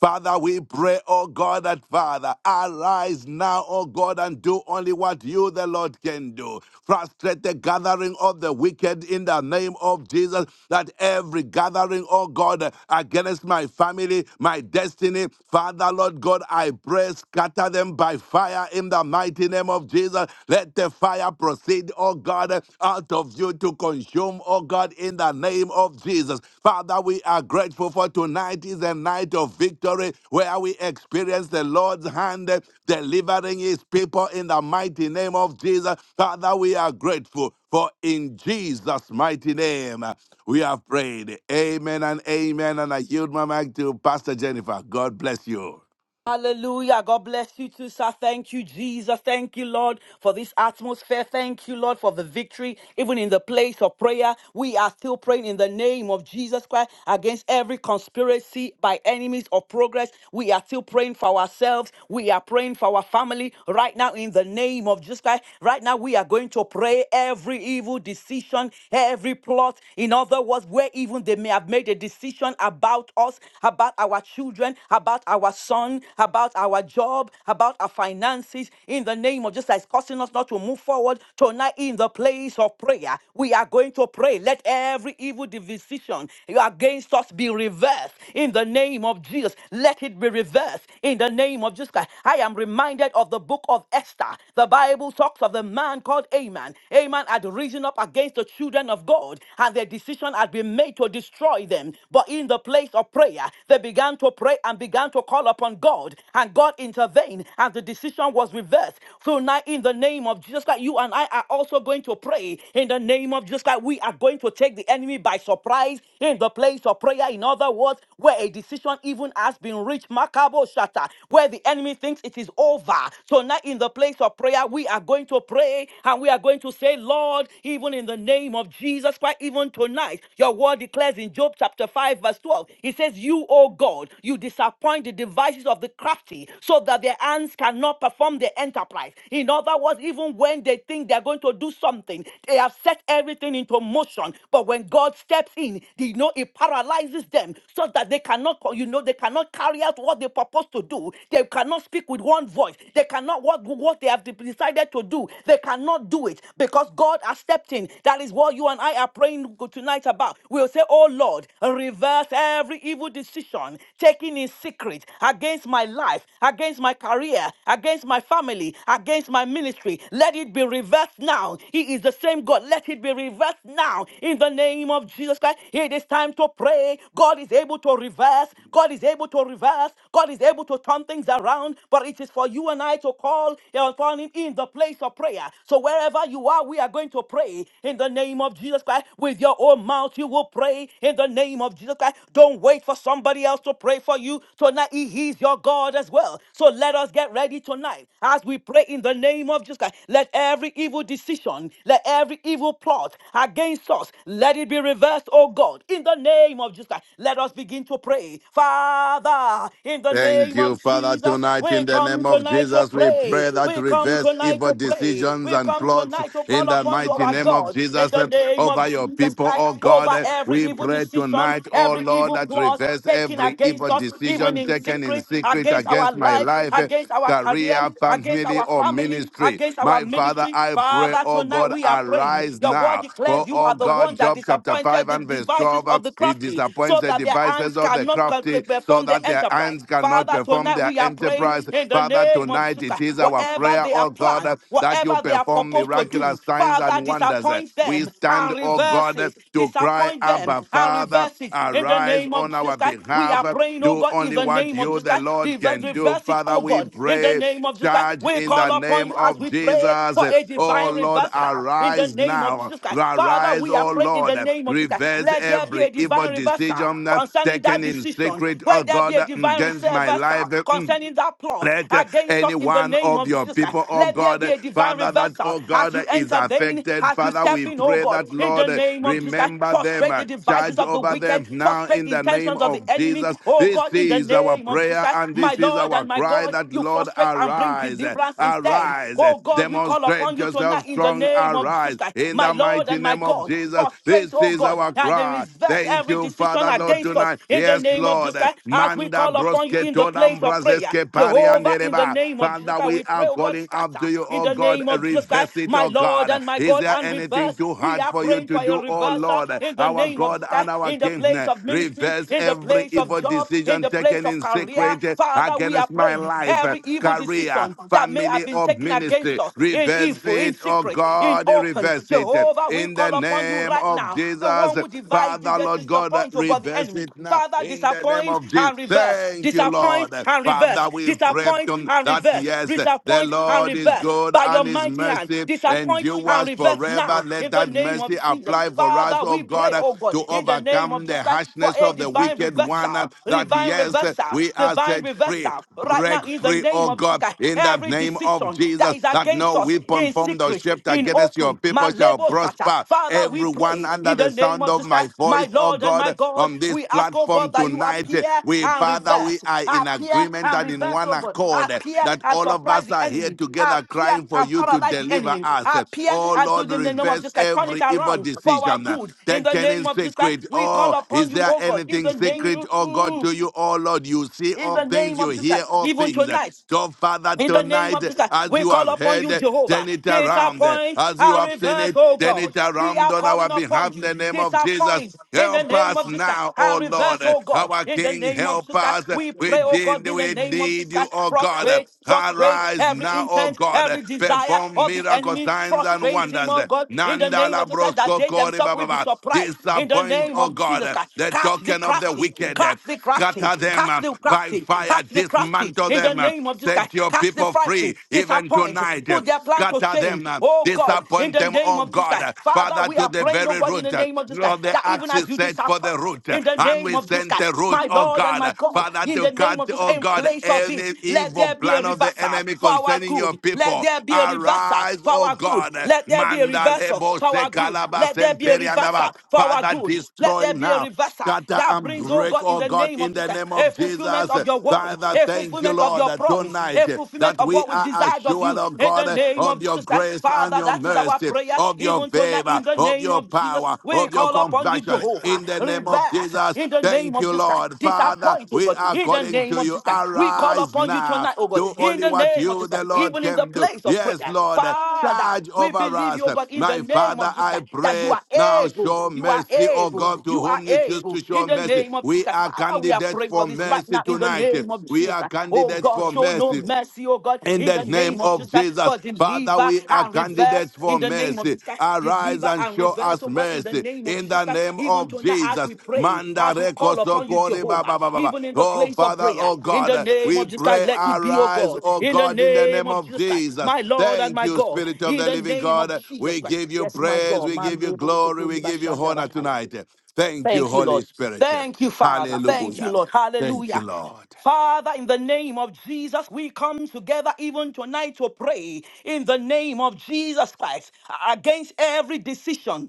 C: Father, we pray, oh God, that Father, arise now, oh God, and do only what you, the Lord, can do. Frustrate the gathering of the wicked in the name of Jesus, that every gathering, oh God, against my family, my destiny, Father, Lord God, I pray, scatter them by fire in the mighty name of Jesus. Jesus. Let the fire proceed, oh God, out of you to consume, oh God, in the name of Jesus. Father, we are grateful for tonight is a night of victory where we experience the Lord's hand eh, delivering his people in the mighty name of Jesus. Father, we are grateful for in Jesus' mighty name eh, we have prayed. Amen and amen. And I yield my mic to Pastor Jennifer. God bless you.
B: Hallelujah. God bless you too, sir. Thank you, Jesus. Thank you, Lord, for this atmosphere. Thank you, Lord, for the victory. Even in the place of prayer, we are still praying in the name of Jesus Christ against every conspiracy by enemies of progress. We are still praying for ourselves. We are praying for our family right now in the name of Jesus Christ. Right now, we are going to pray every evil decision, every plot. In other words, where even they may have made a decision about us, about our children, about our sons concern about our job, about our finances, in the name of Jesus that is causing us not to move forward. Tonight, in the place of prayer, we are going to pray. Let every evil decision against us be reversed in the name of Jesus. Let it be reversed in the name of Jesus Christ. I am reminded of the book of Esther. The Bible talks of the man called Aman. Aman had risen up against the children of God, and their decision had been made to destroy them. But in the place of prayer, they began to pray and began to call upon upon God and God intervened and the decision was reversed. So now, in the name of Jesus Christ, you and I are also going to pray in the name of Jesus Christ. We are going to take the enemy by surprise in the place of prayer. In other words, where a decision even has been reached, Makabo Shata, where the enemy thinks it is over. So now, in the place of prayer, we are going to pray and we are going to say, Lord, even in the name of Jesus Christ, even tonight, your word declares in Job chapter 5, verse 12, it says, You, O God, you disappoint the divine devices of the crafty so that their hands cannot perform their enterprise. In other words, even when they think they're going to do something, they have set everything into motion. But when God steps in, you know, it paralyzes them so that they cannot, you know, they cannot carry out what they purpose to do. They cannot speak with one voice. They cannot what, what they have decided to do. They cannot do it because God has stepped in. That is what you and I are praying tonight about. We'll say, Oh Lord, reverse every evil decision taken in secret against my life, against my career, against my family, against my ministry. Let it be reversed now. He is the same God. Let it be reversed now. In the name of Jesus Christ, it is time to pray. God is able to reverse. God is able to reverse. God is able to turn things around. But it is for you and I to call upon Him in the place of prayer. So wherever you are, we are going to pray in the name of Jesus Christ. With your own mouth, you will pray in the name of Jesus Christ. Don't wait for somebody else to pray for you. Tonight that He is your God as well. So let us get ready tonight as we pray in the name of Jesus Christ. Let every evil decision, let every evil plot against us, let it be reversed, oh God, in the name of Jesus Christ. Let us begin to pray. Father, in the
C: Thank
B: name of
C: you, Father.
B: Jesus,
C: Tonight, in
B: we
C: the
B: come
C: name of
B: tonight to
C: Jesus, we
B: pray.
C: pray that
B: We come
C: reverse
B: tonight
C: evil
B: to pray.
C: decisions
B: We
C: and
B: come
C: plots
B: tonight to
C: in
B: call
C: the
B: upon you,
C: mighty
B: our
C: name of
B: God, in
C: Jesus
B: the
C: eh,
B: name
C: over
B: of
C: your
B: Jesus
C: people,
B: Christ,
C: oh
B: over
C: God. eh,
B: every
C: We
B: evil
C: pray
B: decision,
C: tonight, oh
B: every
C: Lord,
B: evil
C: that
B: plot,
C: reverse
B: taken
C: every
B: against
C: evil
B: us, even
C: decision
B: in
C: taken in
B: secret,
C: secret
B: against our
C: against my
B: life,
C: life. eh,
B: against our career,
C: Career,
B: against
C: family,
B: our
C: or
B: family,
C: ministry.
B: against our
C: My Father,
B: ministry.
C: I pray,
B: Father,
C: oh
B: tonight
C: God,
B: we are praying.
C: arise
B: Your word
C: now. For,
B: declares you
C: oh
B: are the
C: God,
B: one that
C: Job chapter 5
B: disappointed the
C: and verse
B: devices
C: 12, eh,
B: of the
C: he
B: crafty
C: disappoints
B: so
C: the
B: that their
C: devices
B: hands
C: of the
B: cannot con-
C: crafty so
B: perform
C: that
B: the
C: their hands
B: enterprise.
C: cannot
B: Father,
C: perform
B: tonight
C: their
B: we are praying
C: enterprise.
B: in the
C: Father,
B: name of
C: tonight
B: Jesus.
C: it
B: Christ.
C: is our
B: Whatever
C: prayer prayer,
B: they are
C: oh God,
B: planned,
C: uh, that you
B: whatever they are
C: perform
B: proposed to do,
C: miraculous signs
B: Father,
C: and wonders. Uh,
B: disappoint
C: We
B: them
C: stand,
B: and
C: oh
B: reverse
C: God, uh,
B: it.
C: to cry,
B: Disappoint them
C: Abba,
B: and
C: Father,
B: reverse it in the
C: arise
B: name of
C: on
B: Jesus
C: our
B: Christ. We
C: behalf.
B: are
C: Uh,
B: praying, oh
C: Do
B: God, in
C: only
B: the
C: what
B: name of
C: you,
B: Jesus
C: the
B: Christ.
C: Lord,
B: Diver-
C: can do.
B: Reverse it,
C: Father,
B: oh
C: we
B: God, in the
C: pray
B: name of Jesus Christ.
C: charge
B: We
C: in
B: call
C: the
B: upon
C: name
B: you as
C: of
B: we pray
C: Jesus.
B: for a
C: Oh
B: divine
C: Lord,
B: reversal in the
C: arise
B: name of
C: now.
B: Jesus Christ. Father,
C: Arise,
B: we are
C: oh
B: praying in
C: Lord.
B: the name of Jesus Christ.
C: Reverse
B: Let there be a
C: every evil
B: divine reversal reserver, sir,
C: decision
B: concerning
C: taken
B: that
C: in
B: decision.
C: secret, oh
B: Let there be
C: God,
B: a divine
C: against my
B: reserver, sir,
C: life.
B: concerning that plot
C: Let uh,
B: against
C: any
B: us in the
C: one
B: name
C: of
B: of
C: your
B: Jesus Christ.
C: people, oh
B: Let there
C: God,
B: be
C: uh,
B: a divine
C: Father, that,
B: reversal
C: oh
B: as
C: God, uh,
B: you
C: is
B: intervene,
C: affected.
B: as you
C: Father, we
B: step in, oh
C: pray
B: God,
C: that,
B: in the
C: Lord, uh,
B: name of Jesus Christ.
C: remember them,
B: Frustrate
C: uh,
B: the devices
C: charge
B: of the
C: over
B: wicked,
C: them now
B: frustrate
C: in
B: the
C: the name
B: intentions of the
C: of
B: enemy,
C: Jesus.
B: oh
C: This
B: God, in the
C: is our
B: name of Jesus
C: prayer
B: Christ.
C: and
B: My
C: this is
B: Lord
C: our
B: and my
C: cry
B: God,
C: that,
B: you
C: Lord,
B: frustrate and bring
C: arise, uh,
B: deliverance instead.
C: arise, uh,
B: Oh God, we call upon
C: demonstrate
B: you
C: yourself
B: tonight in the
C: strong,
B: name of Jesus
C: arise
B: Christ.
C: in
B: My
C: the
B: Lord
C: mighty
B: and my
C: name
B: God.
C: of
B: God.
C: Jesus.
B: Frustrate,
C: This
B: oh
C: is
B: God,
C: our
B: and they
C: cry.
B: reverse
C: Thank
B: every
C: you,
B: decision
C: Father, Lord,
B: against us
C: tonight.
B: in the
C: Yes,
B: name of Jesus
C: Lord. uh,
B: Christ as we
C: Manda
B: call upon you
C: Broske
B: in the
C: todam
B: place of prayer.
C: brazeske pari
B: Jehovah, in the
C: andereba.
B: name of Jesus
C: Father,
B: Christ,
C: we
B: we pray,
C: are
B: oh God,
C: calling up
B: scatter
C: to you,
B: in
C: oh
B: the
C: God.
B: name of Jesus Christ,
C: Reverse it,
B: my
C: oh
B: Lord
C: God.
B: and my
C: Is
B: God,
C: there
B: and
C: anything
B: reverse.
C: too
B: We
C: hard
B: are
C: for you
B: praying
C: to
B: for a
C: do, oh
B: reversal
C: Lord?
B: in the
C: Our
B: name of
C: God
B: Jesus
C: and
B: Christ,
C: our
B: in the
C: King,
B: place of ministry,
C: reverse
B: in the
C: every
B: place of
C: evil
B: job, in
C: decision
B: the place
C: taken
B: of
C: in
B: career.
C: secret
B: Father, we are
C: against my
B: praying
C: life,
B: every evil
C: career,
B: decision that may have
C: family,
B: been
C: or
B: taken against
C: ministry.
B: us in
C: Reverse
B: evil, in
C: it, oh
B: secret, in
C: God,
B: open.
C: reverse it.
B: Jehovah, we
C: In the
B: call upon you
C: name
B: right
C: of
B: now. The
C: Jesus,
B: one who divides,
C: Father,
B: just
C: Lord God,
B: disappoint, oh God, the
C: reverse
B: enemy.
C: it now
B: Father,
C: in the name
B: disappoint
C: of Jesus.
B: and reverse.
C: Thank you,
B: Disappoint
C: Lord.
B: and reverse.
C: Father, we pray
B: Disappoint
C: to-
B: and
C: that
B: reverse.
C: yes, the
B: Disappoint and
C: Lord is
B: reverse.
C: good
B: By your
C: and his
B: mighty hand,
C: mercy
B: disappoint and
C: endures
B: reverse
C: forever.
B: now
C: Let
B: in the
C: that
B: name of
C: mercy
B: Jesus.
C: apply for us,
B: Father,
C: oh
B: we pray,
C: God,
B: oh God,
C: to
B: in the name of
C: overcome the
B: Jesus Christ for
C: harshness
B: a
C: of the
B: divine
C: wicked one.
B: reversal,
C: That
B: divine
C: yes,
B: reversal,
C: we are
B: divine
C: set free.
B: reversal right now
C: Break
B: in the
C: free,
B: name
C: oh
B: of Jesus
C: God,
B: Christ,
C: in the
B: every
C: name of
B: decision that
C: Jesus,
B: is
C: that
B: against
C: no
B: us
C: weapon
B: in
C: formed or
B: secret,
C: shaped
B: in
C: against your
B: open, my
C: people shall
B: label shatter.
C: prosper.
B: Father, we
C: Everyone
B: pray
C: under
B: in
C: the
B: the name
C: sound
B: of
C: of
B: Jesus
C: my
B: Christ, my
C: voice, oh
B: Lord and my
C: God,
B: God.
C: on this
B: We ask, oh
C: platform
B: God, that you
C: tonight,
B: appear
C: we,
B: and
C: Father, we
B: reverse,
C: are in
B: appear
C: agreement
B: and
C: and in
B: reverse,
C: one
B: oh God,
C: accord
B: appear
C: that
B: and
C: all of
B: surprise
C: us
B: the
C: are here
B: enemy,
C: together
B: appear
C: crying for
B: and
C: you to
B: paralyze the
C: deliver
B: enemy,
C: us.
B: appear
C: Oh
B: and do
C: Lord,
B: in the name of
C: reverse
B: Jesus Christ, turn it
C: every evil
B: around for our
C: decision
B: good. In
C: that
B: the
C: getting
B: name of Jesus Christ,
C: secret.
B: we call
C: Oh,
B: upon
C: is
B: you,
C: there
B: oh God, in
C: anything
B: the name,
C: secret,
B: mm,
C: oh God, to
B: mm,
C: you, oh Lord? You see
B: in
C: all
B: the
C: things,
B: name
C: you
B: of Jesus
C: hear
B: Christ,
C: all
B: even
C: things.
B: tonight.
C: So, Father,
B: In the name
C: tonight,
B: of Jesus,
C: as
B: we
C: you
B: call
C: have
B: upon you,
C: heard,
B: Jehovah.
C: turn it around.
B: Disappoint
C: As you
B: and
C: have seen
B: reverse,
C: it,
B: oh
C: turn
B: God.
C: it
B: We
C: around
B: are
C: on our
B: calling
C: behalf
B: upon
C: in
B: you.
C: the name of Jesus.
B: Disappoint in the
C: Help
B: name
C: us
B: of Jesus
C: now, oh
B: and reverse,
C: Lord.
B: oh God.
C: Our
B: In the
C: King,
B: name of
C: help
B: Jesus,
C: us.
B: we
C: We
B: pray, oh God,
C: did
B: in the
C: we
B: name of Jesus.
C: need you, oh God.
B: Frustrate, frustrate
C: Arise
B: every
C: now, oh
B: intent,
C: God.
B: every desire
C: Perform
B: of the
C: miracle
B: enemy.
C: signs and
B: Frustrate him,
C: wonders.
B: oh God, in the name
C: Nandala
B: of Jesus, that
C: brosco
B: they
C: kori
B: themselves will be
C: bababa.
B: surprised. In the
C: Disappoint,
B: name
C: oh
B: of Jesus,
C: God,
B: catch
C: the
B: the
C: token of the
B: crafty,
C: wicked.
B: catch the crafty,
C: Scatter them
B: catch the
C: by
B: crafty,
C: fire,
B: catch the crafty crafty
C: dismantle
B: in the
C: them.
B: name of this guy.
C: Set your
B: Catch the
C: people
B: frightful,
C: free even
B: disappoint,
C: tonight.
B: put their plan to
C: Scatter
B: shame.
C: them, uh,
B: Oh God, in
C: disappoint
B: the
C: them,
B: name
C: oh
B: of this
C: God,
B: guy.
C: uh,
B: Father,
C: Father,
B: we
C: to
B: are
C: the
B: praying, oh
C: very
B: God, in the
C: root. uh,
B: name of this guy,
C: Lord, the
B: that even
C: axe
B: as
C: is
B: you
C: set for the
B: disappoint
C: root, uh,
B: in the
C: and
B: name
C: we
B: of this
C: send
B: guy,
C: the root,
B: my
C: oh
B: Lord and
C: God,
B: my
C: uh,
B: God,
C: Father,
B: in
C: to
B: the
C: cut,
B: name of this,
C: oh
B: in
C: God,
B: place of it,
C: any
B: let
C: evil
B: there be a
C: plan of the
B: reversal
C: enemy
B: for our
C: concerning your
B: good. Let
C: people.
B: there be a reversal
C: Arise,
B: for
C: oh
B: our good.
C: God, uh,
B: Let there be a reversal
C: Mandalebo
B: for our good.
C: Sekalaba
B: Let there be a reversal
C: Semperiandaba,
B: for our
C: Father,
B: good. Let
C: destroy
B: there be a
C: now,
B: reversal
C: scatter
B: that
C: and
B: brings, oh
C: break,
B: God, in
C: oh
B: the
C: God,
B: name of
C: in the
B: Jesus
C: name
B: a
C: of
B: fulfillment
C: Jesus.
B: of your word,
C: Father,
B: a
C: thank you,
B: fulfillment of
C: Lord,
B: your
C: that
B: promise, a
C: tonight uh,
B: fulfillment
C: that
B: of
C: we
B: what we've
C: are
B: desired of
C: assured,
B: you.
C: oh
B: In the
C: God,
B: name of
C: of your
B: Jesus Christ,
C: grace and
B: Father,
C: your
B: that is our
C: mercy,
B: prayer.
C: of your
B: Even tonight,
C: favor,
B: in the
C: of
B: name
C: your
B: of Jesus,
C: power,
B: we
C: of your
B: call upon you,
C: compassion.
B: Jehovah.
C: In the name of
B: Reverse
C: Jesus,
B: in the name
C: thank
B: of
C: you,
B: Jesus Christ.
C: Lord. Father,
B: Disappoint, oh
C: we
B: God,
C: are
B: in the
C: calling
B: name
C: to
B: of
C: you.
B: Jesus Christ. We call
C: Arise
B: upon you
C: now.
B: tonight, oh God,
C: Do
B: in
C: only
B: the
C: what
B: name of
C: you,
B: Jesus Christ.
C: the Lord,
B: Even in the
C: can do.
B: place of
C: Yes,
B: prayer,
C: Lord,
B: Father,
C: charge
B: we
C: over
B: believe
C: us.
B: you, oh God, in the
C: My
B: name of
C: Father,
B: Jesus
C: I
B: Christ, that you
C: pray
B: are
C: now
B: able,
C: show
B: you are
C: mercy, O
B: able,
C: God, to
B: you are
C: whom you choose to
B: able. In the
C: show
B: in the
C: mercy.
B: name of Jesus.
C: We
B: Christ,
C: are
B: Father, we are
C: candidates
B: praying for
C: for
B: this right
C: mercy
B: now in the
C: tonight.
B: name of
C: We
B: Jesus.
C: are
B: Christ, Oh
C: candidates
B: God,
C: for
B: show no
C: mercy.
B: mercy, oh God,
C: In
B: in
C: the
B: the
C: name
B: name of Jesus.
C: of
B: Christ,
C: Jesus,
B: But
C: Father,
B: deliver
C: we are
B: and reverse
C: candidates
B: in
C: for
B: the name of
C: mercy.
B: Jesus. Christ,
C: Arise
B: Deliver
C: and
B: and
C: show
B: reverse,
C: us
B: oh God, in the
C: mercy.
B: name of
C: In
B: Jesus.
C: the
B: Christ,
C: name
B: Even
C: of
B: tonight, as we
C: Jesus,
B: pray,
C: Manda
B: as we
C: reko
B: call upon you,
C: sokori ba
B: Jehovah,
C: ba ba ba ba.
B: even in the
C: Oh
B: place of
C: Father,
B: prayer,
C: oh
B: in the
C: God,
B: name
C: we
B: of Jesus, Christ,
C: pray.
B: let it be, oh
C: Arise,
B: God,
C: oh
B: in the
C: God, in the
B: name
C: name
B: of
C: of
B: Jesus Christ,
C: Jesus.
B: my Lord and
C: Thank
B: my
C: you,
B: God,
C: Spirit of
B: in
C: the
B: the
C: Living
B: name of
C: God.
B: Jesus
C: We
B: Christ.
C: give you
B: Yes, my
C: praise.
B: God,
C: We
B: my
C: give you
B: labor.
C: glory. We give you honor tonight. Thank you,
B: Thank you,
C: Holy
B: Lord.
C: Spirit.
B: Thank you, Father. Thank you,
C: Hallelujah.
B: Lord.
C: Thank you,
B: Hallelujah.
C: Lord.
B: Father, in the name of Jesus, we come together even tonight to pray in the name of Jesus Christ against every decision,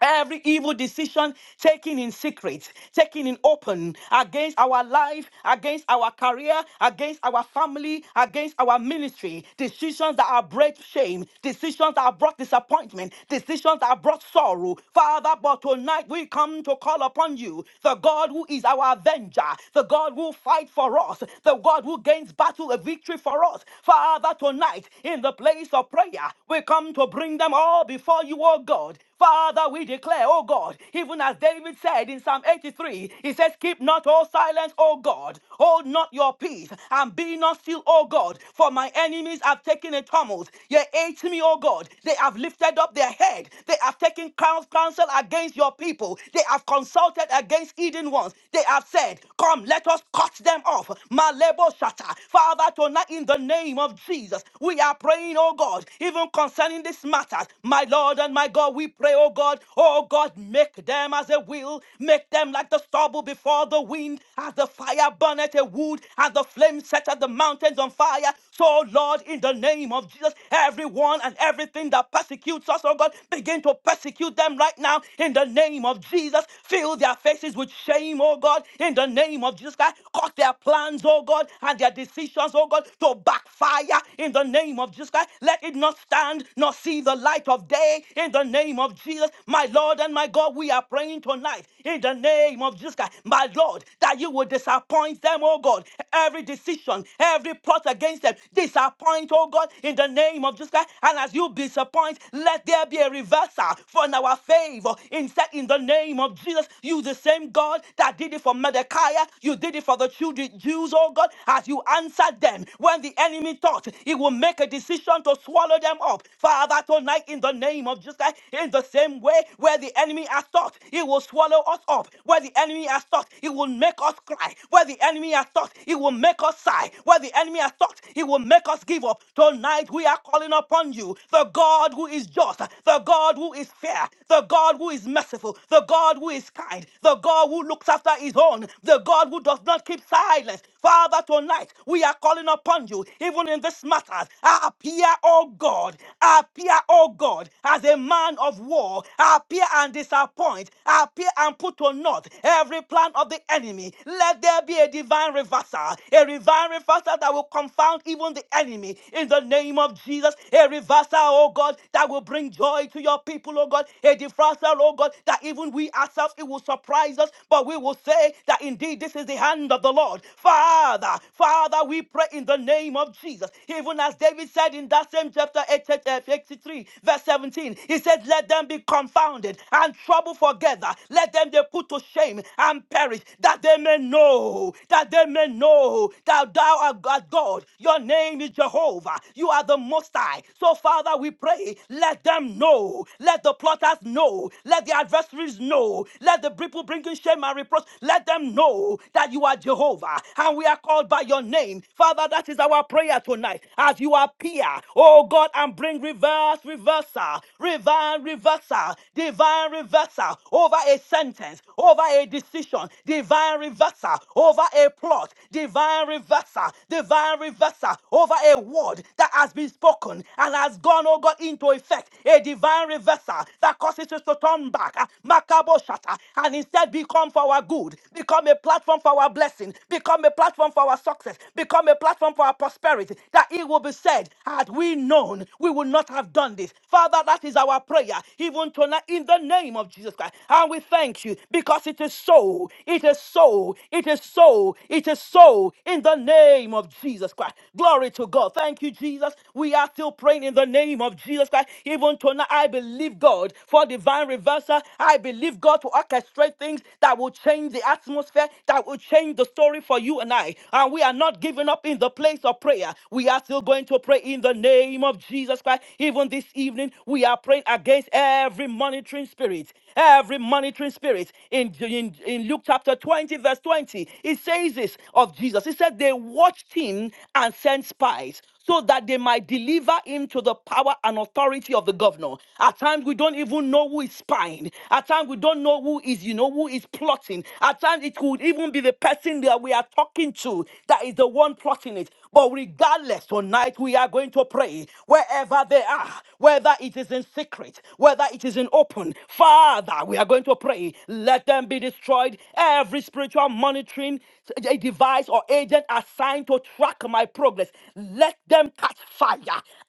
B: Every evil decision taken in secret, taken in open, against our life, against our career, against our family, against our ministry, decisions that have brought shame, decisions that have brought disappointment, decisions that have brought sorrow. Father, but tonight we come to call upon you, the God who is our avenger, the God who fights for us, the God who gains battle a victory for us. Father, tonight in the place of prayer, we come to bring them all before you, O God. Father, we declare, oh God, even as David said in Psalm 83, he says, Keep not all silence, O God, hold not your peace, and be not still, O God, for my enemies have taken a tumult. Yea, hate me, O God. They have lifted up their head, they have taken coun- counsel against your people, they have consulted against Eden ones. They have said, Come, let us cut them off. Malebo shata. Father, tonight in the name of Jesus, we are praying, oh God, even concerning this matter matters. My Lord and my God, we pray, oh God, oh God, make them as a will, make them like the stubble before the wind, as the fire burneth a wood, as the flame setteth the mountains on fire. So, Lord, in the name of Jesus, everyone and everything that persecutes us, oh God, begin to persecute them right now in the name of Jesus. Fill their faces with shame, oh God, in the name of Jesus Christ. Cut their plans, oh God, and their decisions, oh God, to backfire in the name of Jesus Christ. Let it not stand nor see the light of day in the name of Jesus. My Lord and my God, we are praying tonight in the name of Jesus Christ. My Lord, that you will disappoint them, oh God. Every decision, every plot against them, disappoint, oh God, in the name of Jesus Christ. And as you disappoint, let there be a reversal for in our favor. Instead, in the name of Jesus, you the same God that did it for Mordecai, you did it for the children, Jews, oh God, as you answered them when the enemy enemy thoughts. He will make a decision to swallow them up. Father, tonight in the name of Jesus, Christ, in the same way where the enemy has thought, he will swallow us up. Where the enemy has thought, he will make us cry. Where the enemy has thought, he will make us sigh. Where the enemy has thought, he will make us give up. Tonight we are calling upon you, the God who is just, the God who is fair, the God who is merciful, the God who is kind, the God who looks after his own, the God who does not keep silence. Father, tonight tonight we are calling upon you, even in this matter. Appear, O God, appear, O God, as a man of war. Appear and disappoint, appear and put to naught every plan of the enemy. Let there be a divine reversal, a divine reversal that will confound even the enemy. In the name of Jesus, a reversal, O God, that will bring joy to your people, O God. A reversal, O God, that even we ourselves, it will surprise us, but we will say that indeed this is the hand of the of the Lord. Father, Father, we pray in the name of Jesus. Even as David said in that same chapter 83, verse 17, he said, Let them be confounded and troubled together. Let them be put to shame and perish, that they may know, that they may know that thou art God. God. Your name is Jehovah. You are the Most High. So, Father, we pray, let them know. Let the plotters know. Let the adversaries know. Let the people bringing shame and reproach. Let them know that you are Jehovah and we are called by your name. Father, that is our prayer tonight as you appear, oh God, and bring reverse, reversal, divine reversal, divine reversal over a sentence, over a decision, divine reversal over a plot, divine reversal, divine reversal over a word that has been spoken and has gone, oh God, into effect, a divine reversal that causes us to turn back. Makaboshata, and instead become for our good, become a platform for our blessing, become a platform for our success, become a platform for our prosperity, that it will be said, had we known, we would not have done this. Father, that is our prayer, even tonight, in the name of Jesus Christ. And we thank you because it is so, it is so, it is so, it is so, in the name of Jesus Christ. Glory to God. Thank you, Jesus. We are still praying in the name of Jesus Christ. Even tonight, I believe God for divine reversal. I believe God to orchestrate things that will change the atmosphere, that will change the story for you and I. And we are not giving up in the place of prayer. We are still going to pray in the name of Jesus Christ. Even this evening, we are praying against every monitoring spirit. Every monitoring spirit in, in, in Luke chapter 20, verse 20, it says this of Jesus. It said, They watched him and sent spies so that they might deliver him to the power and authority of the governor. At times we don't even know who is spying. At times we don't know who is, you know, who is plotting. At times it could even be the person that we are talking to that is the one plotting it. But regardless, tonight we are going to pray wherever they are, whether it is in secret, whether it is in open. Father, we are going to pray. Let them be destroyed. Every spiritual monitoring a device or agent assigned to track my progress. Let them catch fire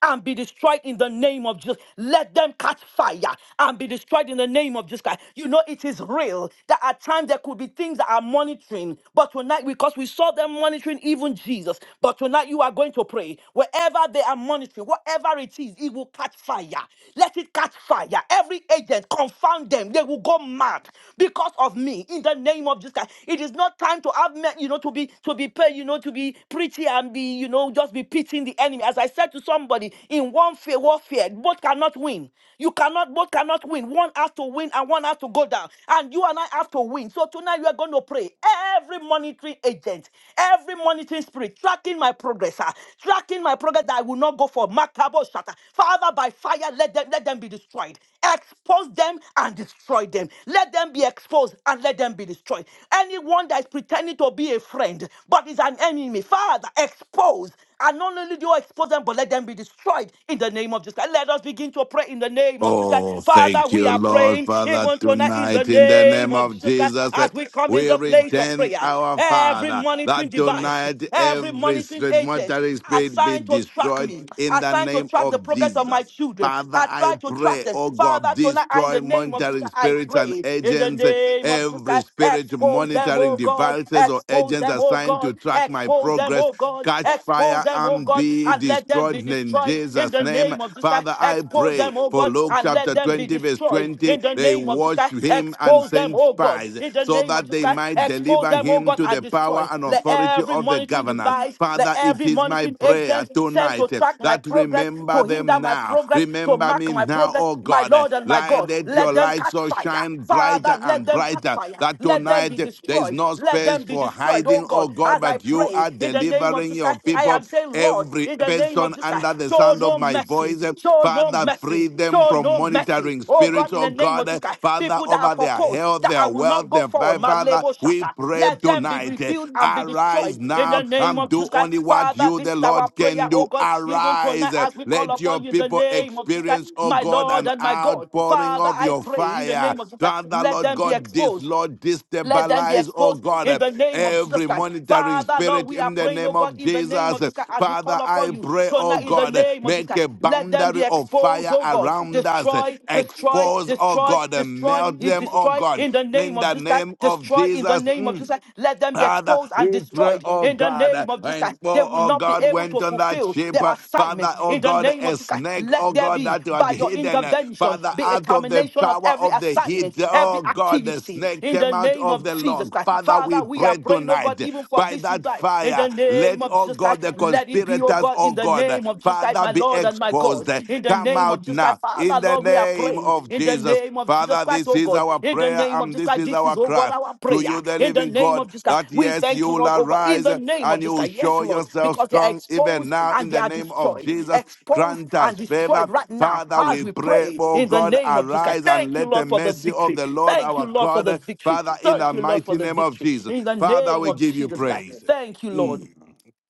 B: and be destroyed in the name of Jesus. Let them catch fire and be destroyed in the name of Jesus Christ. You know, it is real that at times there could be things that are monitoring, but tonight, because we saw them monitoring even Jesus, but tonight you are going to pray. Wherever they are monitoring, whatever it is, it will catch fire. Let it catch fire. Every agent, confound them. They will go mad because of me in the name of Jesus Christ. It is not time to have, men, you know, to be, to be paid, you know, to be be preaching and be, you know, just be pitting the enemy. As I said to somebody, in one fair warfare, both cannot win. You cannot, both cannot win. One has to win and one has to go down. And you and I have to win. So tonight we are going to pray. Every monitoring agent, every monitoring spirit, tracking my progress, ah, tracking my progress that I will not go for. Makabo shata. Father, by fire, let them let them be destroyed. Expose them and destroy them. Let them be exposed and let them be destroyed. Anyone that is pretending to be a friend but is an enemy, Father, expose. And not only do you expose them, but let them be destroyed in the name of Jesus. And let us begin to pray in the name of Jesus. Christ.
C: Oh,
B: Father,
C: thank
B: we
C: you,
B: are
C: Lord
B: praying
C: Father,
B: even tonight in the
C: tonight in the name
B: name of
C: of
B: Jesus Christ
C: Jesus. that
B: as we come in
C: We
B: the place of
C: return
B: prayer.
C: our
B: Every
C: Father
B: monitoring
C: that
B: device,
C: tonight
B: Every
C: every
B: monitoring
C: street
B: agent
C: mortuary spirit be
B: assigned to track
C: destroyed
B: me,
C: in the
B: assigned to
C: name
B: track the
C: of
B: progress of my
C: Jesus.
B: children,
C: Father,
B: I
C: I
B: try to track
C: pray,
B: them.
C: oh God,
B: Father, tonight, I, in
C: destroy
B: the name of Jesus,
C: monitoring
B: I
C: spirits and
B: pray. In the
C: agents
B: name of Jesus,
C: Every
B: I
C: spirit
B: expose them,
C: monitoring
B: oh God.
C: devices or
B: Expose
C: agents
B: them, oh
C: assigned to
B: God.
C: track my
B: Expose them,
C: progress,
B: oh God.
C: catch
B: Expose
C: fire
B: them, oh
C: and
B: God.
C: be
B: And let them
C: destroyed
B: be
C: in
B: destroyed. In
C: Jesus'
B: the
C: name.
B: name of Jesus, I
C: Father, I
B: expose
C: pray
B: them, oh
C: for
B: God.
C: Luke
B: And let
C: chapter
B: them be
C: 20, verse
B: destroyed.
C: 20.
B: In the name
C: They
B: name of Jesus
C: watched
B: Christ,
C: him and
B: expose them,
C: sent
B: oh God.
C: spies
B: In the
C: so
B: name of
C: that
B: Jesus
C: they
B: Christ,
C: might
B: expose
C: deliver
B: them, oh
C: him
B: God,
C: to
B: and
C: the power
B: destroy.
C: and
B: Let
C: authority
B: every
C: of the
B: monitoring
C: governors.
B: device, let
C: Father, it
B: every
C: is my
B: monitoring
C: prayer
B: agent sent to
C: tonight eh,
B: track my
C: that
B: progress, to
C: remember
B: hinder
C: them
B: my
C: now.
B: progress, to
C: Remember
B: mark
C: me even
B: my
C: now,
B: progress,
C: oh
B: my
C: God. uh,
B: Lord and my
C: Light,
B: God.
C: let your
B: Let them
C: light
B: catch
C: so
B: fire.
C: shine brighter
B: Father, let
C: and
B: them catch
C: brighter
B: fire.
C: that
B: Let them be
C: tonight uh, there is
B: destroyed.
C: no
B: Let
C: space
B: them be
C: for
B: destroyed. Oh
C: hiding, oh
B: God,
C: God,
B: as I
C: but you
B: pray
C: are
B: in the name of
C: delivering
B: Jesus,
C: your
B: Christ, I
C: people.
B: am saying, Lord,
C: Every
B: in the name of
C: person
B: Jesus,
C: under
B: Christ,
C: the
B: show
C: sound of
B: no
C: my
B: mercy.
C: voice, uh,
B: Show no
C: Father, free
B: mercy.
C: them
B: Show
C: from
B: no mercy.
C: monitoring
B: Oh
C: spirits,
B: God, in
C: oh
B: the name
C: God,
B: of
C: uh,
B: Jesus, Christ,
C: Father,
B: people that are
C: over their
B: proposed things
C: health,
B: that
C: their
B: I will not
C: wealth,
B: go
C: their
B: forward.
C: fi-
B: My
C: Father.
B: label
C: We
B: shatter.
C: pray
B: Let them be
C: tonight, uh,
B: revealed and be
C: arise
B: destroyed in the
C: now
B: name
C: and
B: of
C: do
B: Jesus Christ.
C: only what
B: Father,
C: you, the
B: this
C: Lord.
B: is our
C: Lord
B: prayer,
C: can
B: oh
C: do.
B: God, even tonight
C: Arise. uh,
B: as we call
C: Let your
B: upon you in the
C: people
B: name of Jesus Christ,
C: experience, oh
B: my
C: God,
B: Lord
C: an
B: and my God.
C: outpouring
B: Father,
C: of
B: I
C: your
B: pray in the
C: fire.
B: name of Jesus Christ,
C: Father,
B: let
C: Lord
B: them be
C: God, this
B: exposed.
C: Lord
B: Let them be
C: destabilize, oh
B: exposed
C: God,
B: in
C: uh,
B: the name of Jesus
C: every
B: Christ.
C: monitoring
B: Father, Lord,
C: spirit
B: we are
C: in the
B: praying, oh
C: name
B: God,
C: of
B: in the name
C: Jesus.
B: of Jesus Christ, as we call
C: Father,
B: upon
C: I
B: you
C: pray, oh
B: tonight, in the
C: God,
B: name of Jesus
C: make
B: Christ.
C: a
B: Let them
C: boundary
B: be
C: of
B: exposed,
C: fire
B: oh God.
C: around us.
B: Destroy, destroy,
C: Expose, oh
B: destroy,
C: God, and
B: destroy,
C: melt
B: you
C: them, oh
B: destroy
C: God,
B: in the name
C: in
B: of
C: the
B: Jesus Christ.
C: name of
B: Destroy in the
C: Jesus.
B: name of
C: Mm.
B: Jesus Christ. Let them be
C: Father,
B: exposed and
C: we pray,
B: destroyed
C: oh
B: in the
C: God, uh,
B: name of Jesus
C: and
B: Christ. They
C: oh,
B: will
C: oh
B: not be
C: God
B: able
C: went
B: to
C: on that
B: fulfill
C: ship.
B: their
C: uh,
B: assignment
C: Father, oh
B: in the
C: God,
B: name of
C: a
B: Jesus Christ.
C: snake,
B: Let
C: oh
B: there
C: God,
B: be,
C: that was
B: by your
C: hidden. uh,
B: intervention,
C: Father,
B: be a
C: out of the
B: termination of
C: power
B: every
C: of the heat,
B: assignment, every
C: oh God, the
B: activity
C: snake
B: in the
C: came out
B: name
C: of
B: of
C: the
B: Jesus
C: log.
B: Christ.
C: Father, we
B: Father, we are
C: pray
B: praying, oh God,
C: tonight uh,
B: even for
C: by
B: this
C: that
B: night in
C: fire,
B: the name
C: let,
B: of
C: oh
B: Jesus
C: God,
B: Christ.
C: the
B: Let it be, oh
C: conspirators,
B: God,
C: oh
B: in the
C: God, uh,
B: name of Jesus Christ,
C: Father,
B: my
C: be
B: Lord and my God,
C: exposed. uh,
B: in the
C: Come
B: name of
C: out
B: Jesus
C: now
B: Christ.
C: in
B: Father,
C: the
B: Lord, we are
C: name
B: praying
C: of
B: in the
C: Jesus.
B: name of Jesus
C: Father,
B: Christ.
C: this
B: Christ, oh
C: is
B: God.
C: our
B: In the
C: prayer
B: name of
C: and
B: Jesus
C: this
B: Christ,
C: is
B: this is,
C: our
B: oh God,
C: cry
B: our
C: to
B: prayer.
C: you, the
B: In the
C: living
B: name
C: God,
B: of Jesus Christ,
C: that
B: we
C: yes,
B: thank
C: you
B: you,
C: will
B: Lord, oh God. In
C: arise
B: the name of
C: and you
B: Jesus
C: will
B: Christ, yes,
C: show
B: Lord,
C: yourself
B: because they are
C: strong even
B: exposed
C: now
B: and
C: in
B: they
C: the
B: are
C: name of
B: destroyed.
C: Jesus.
B: Exposed
C: Grant
B: and
C: us favor.
B: destroyed right now
C: Father,
B: as
C: we
B: we
C: pray,
B: pray
C: oh
B: in the
C: God,
B: name of Jesus Christ.
C: arise and
B: Thank you,
C: let the
B: Lord, for the
C: mercy of
B: victory.
C: the Lord
B: Thank you,
C: our
B: Lord, for the
C: God,
B: victory.
C: Father, in
B: Thank
C: the
B: you, Lord, for
C: mighty
B: the
C: name of
B: victory.
C: Jesus.
B: In the
C: Father,
B: name
C: we
B: of
C: give you
B: Jesus Christ.
C: praise.
B: Thank you, Lord.
C: Mm,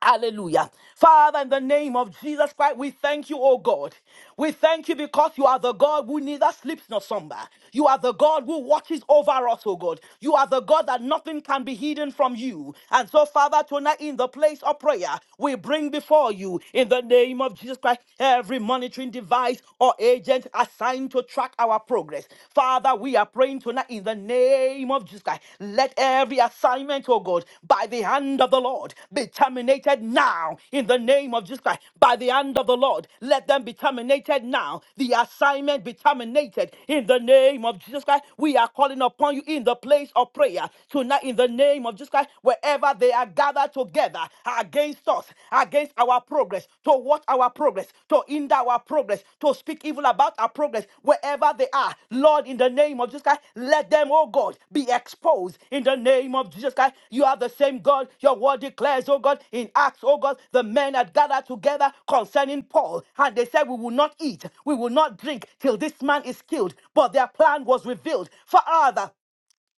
B: Hallelujah. Father, in the name of Jesus Christ, we thank you, oh God. We thank you because you are the God who neither sleeps nor slumber. You are the God who watches over us, oh God. You are the God that nothing can be hidden from you. And so, Father, tonight in the place of prayer, we bring before you, in the name of Jesus Christ, every monitoring device or agent assigned to track our progress. Father, we are praying tonight in the name of Jesus Christ. Let every assignment, oh God, by the hand of the Lord be terminated now in the name of Jesus Christ. By the hand of the Lord, let them be terminated now. The assignment be terminated in the name of Jesus Christ. We are calling upon you in the place of prayer tonight in the name of Jesus Christ, wherever they are gathered together against us, against our our progress, to watch our progress, to hinder our progress, to speak evil about our progress, wherever they are. Lord, in the name of Jesus Christ, let them, oh God, be exposed in the name of Jesus Christ. You are the same God. Your word declares, oh God, in Acts, oh God, the men had gathered together concerning Paul, and they said, We will not eat, we will not drink till this man is killed. But their plan was revealed. Father,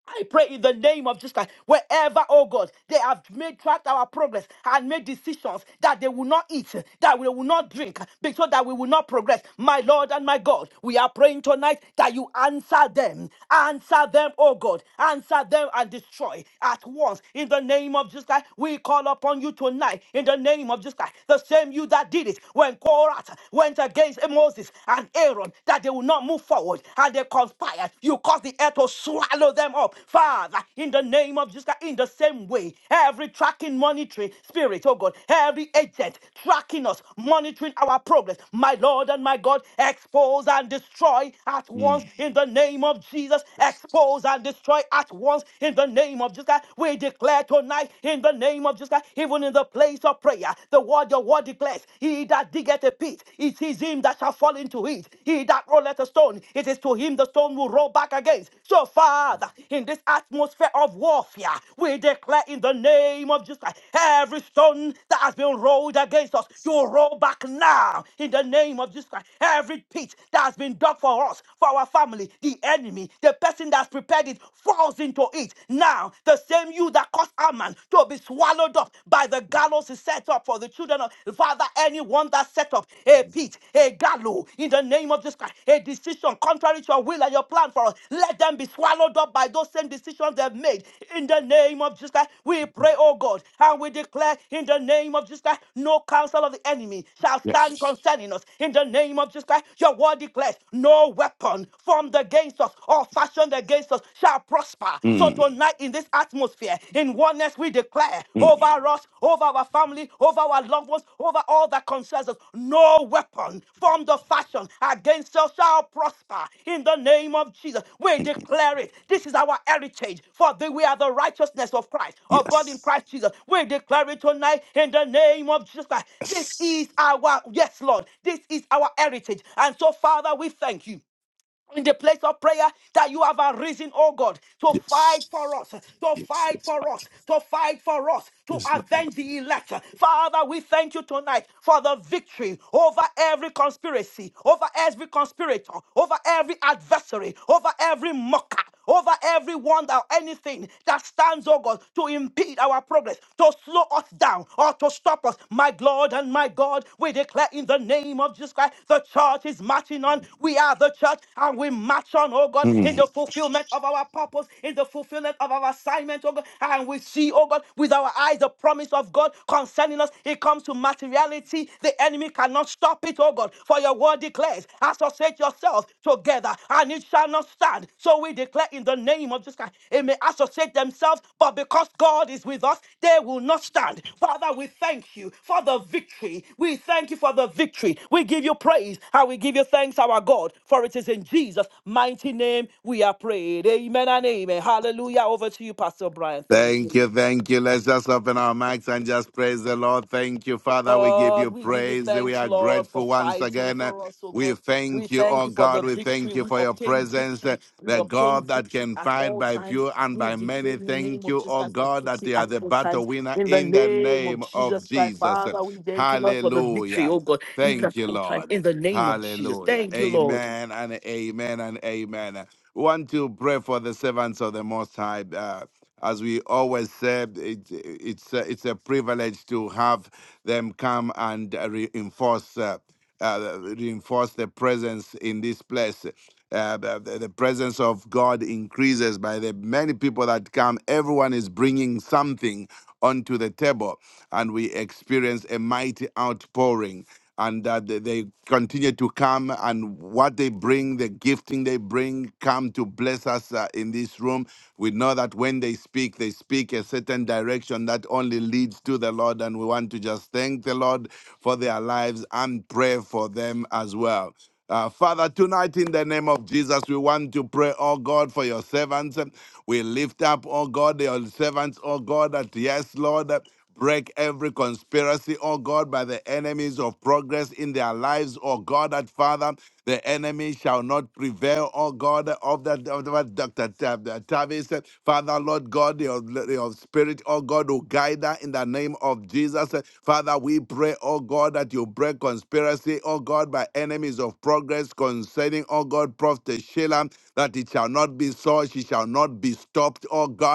B: I pray in the name of Jesus Christ, wherever, oh God, they have made tracked our progress and made decisions that they will not eat, that we will not drink, because that we will not progress. My Lord and my God, we are praying tonight that you answer them. Answer them, oh God. Answer them and destroy at once. In the name of Jesus Christ, we call upon you tonight. In the name of Jesus Christ, the same you that did it when Korah went against Moses and Aaron, that they will not not move forward and they conspired! You cause the earth to swallow them up. Father, in the name of Jesus, in the same way, every tracking, monitoring spirit, oh God, every agent tracking us, monitoring our progress, my Lord and my God, expose and destroy at
C: mm,
B: once in the name of Jesus. Expose and destroy at once in the name of Jesus. We declare tonight in the name of Jesus, even in the place of prayer, the word, your word declares, He that that diggeth a pit, it is him that shall fall into it. He that rolleth a stone, it is to him the stone will roll back against. So, Father, in this atmosphere of warfare, we declare in the name of Jesus Christ, every stone that has been rolled against us, you roll back now in the name of Jesus Christ. Every pit that has been dug for us, for our family, the enemy, the person that's prepared it falls into it. Now, the same you that caused Ammon to be swallowed swallowed up by the gallows is set up for the children of Father. Anyone that set up a pit, a gallows in the name of Jesus Christ, a decision contrary to your will and your plan for us, let them be swallowed up by those same decisions they've made. In the name of Jesus Christ, we pray, oh God, and we declare in the name of Jesus Christ, no counsel of the enemy shall
C: yes.
B: stand concerning us. In the name of Jesus Christ, your word declares, no weapon formed against us or fashioned against us shall prosper prosper.
C: Mm,
B: So tonight, in this atmosphere, in oneness, we declare
C: mm,
B: over us, over our family, over our loved ones, over all that concerns us, no weapon formed or fashioned against us shall prosper. In the name of Jesus, we declare it. This is our heritage, for the- we are the righteousness of Christ, of God in
C: yes.
B: Christ Jesus. We declare it tonight in the name of Jesus Christ. This
C: Yes.
B: is our, yes, Lord, this is our heritage. And so, Father, we thank you in the place of prayer that you have arisen, oh God, to
C: Yes.
B: fight for us, to
C: Yes.
B: fight for us, to fight for us, to
C: Yes.
B: avenge the elect. Father, we thank you tonight for the victory over every conspiracy, over every conspirator, over every adversary, over every mocker, over everyone that anything that stands, oh God, to impede our progress, to slow us down or to stop us. My Lord and my God, we declare in the name of Jesus Christ, the church is marching on. We are the church and we march on, oh God,
C: yes.
B: in the fulfillment of our purpose, in the fulfillment of our assignment, oh God. And we see, oh God, with our eyes the promise of God concerning us. It comes to materiality. The enemy cannot stop Stop it, oh God, for your word declares, associate yourselves together and it shall not stand. So we declare in the name of Jesus Christ, they may associate themselves, but because God is with us, they will not stand. Father, we thank you for the victory. We thank you for the victory. We give you praise and we give you thanks, our God, for it is in Jesus' mighty name we are prayed. Amen and amen. Hallelujah. Over to you, Pastor Brian. Thank
C: Thank
B: you.
C: you, thank you. Let's just open our mics and just praise the Lord. Thank you, Father. We give you
B: Lord, we give you
C: praise. We
B: thanks,
C: are
B: Lord, for
C: grateful once
B: fighting
C: again.
B: for us, oh
C: We
B: God. We
C: thank you,
B: thank
C: oh
B: you for
C: God.
B: the
C: We
B: victory.
C: thank you
B: We
C: for your
B: obtain
C: presence,
B: victory. We
C: the
B: obtain
C: God that
B: victory
C: can
B: at
C: fight
B: all
C: by
B: times.
C: few and
B: We
C: by many.
B: defend the name
C: Thank
B: of
C: you,
B: Jesus
C: oh
B: Christ and
C: God, that
B: victory
C: you are
B: at
C: the
B: all
C: battle
B: times.
C: winner
B: In the
C: in the
B: name of
C: name of
B: Jesus Christ,
C: Jesus.
B: Father, we thank you, Lord, for the victory,
C: Hallelujah.
B: oh God, even at
C: Thank you,
B: all times. In
C: Lord.
B: the name of Jesus.
C: Hallelujah.
B: Thank you, Lord.
C: Amen and amen and amen. We want to pray for the servants of the Most High. Uh, as we always said, it, it's a, it's a privilege to have them come and uh, reinforce uh, uh, reinforce the presence in this place. Uh, the, the the presence of God increases by the many people that come. Everyone is bringing something onto the table, and we experienced a mighty outpouring. And that they they continue to come, and what they bring, the gifting they bring, come to bless us uh, in this room. We know that when they speak, they speak a certain direction that only leads to the Lord. And we want to just thank the Lord for their lives and pray for them as well. Uh, Father, tonight in the name of Jesus, we want to pray, oh God, for your servants. We lift up, oh God, your servants, oh God, that yes, Lord, break every conspiracy, oh God, by the enemies of progress in their lives, oh God, that Father. The enemy shall not prevail, oh God, of that of that Dr. Tav- Tavis. Father, Lord God, your, your spirit, oh God, who guide her in the name of Jesus. Father, we pray, oh God, that you break conspiracy, oh God, by enemies of progress concerning, oh God, Prophet Sheila, that it shall not be so, she shall not be stopped, oh God.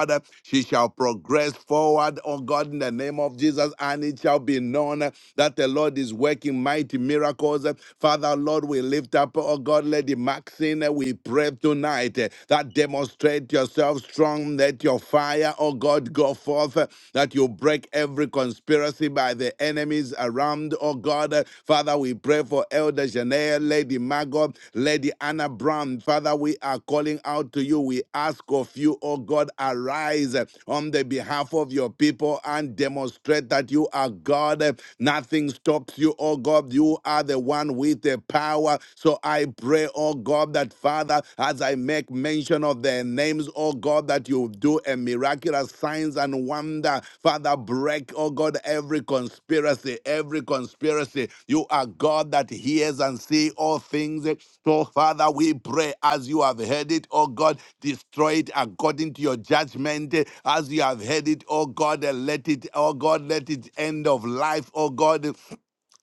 C: She shall progress forward, oh God, in the name of Jesus, and it shall be known that the Lord is working mighty miracles. Father, Lord, we lift up, oh God, Lady Maxine, uh, we pray tonight uh, that demonstrate yourself strong, let your fire, oh God, go forth, uh, that you break every conspiracy by the enemies around, oh God. Uh, Father, we pray for Elder Janelle, Lady Margot, Lady Anna Brown. Father, we are calling out to you. We ask of you, oh God, arise uh, on the behalf of your people and demonstrate that you are God. Uh, Nothing stops you, oh God. You Lord, you are the one with the power. So I pray, oh God, that Father, as I make mention of their names, oh God, that you do a miraculous signs and wonder. Father, break, oh God, every conspiracy, every conspiracy. You are God that hears and sees all things. So, Father, we pray as you have heard it, oh God, destroy it according to your judgment. As you have heard it, oh God, let it, oh God, let it end of life, oh God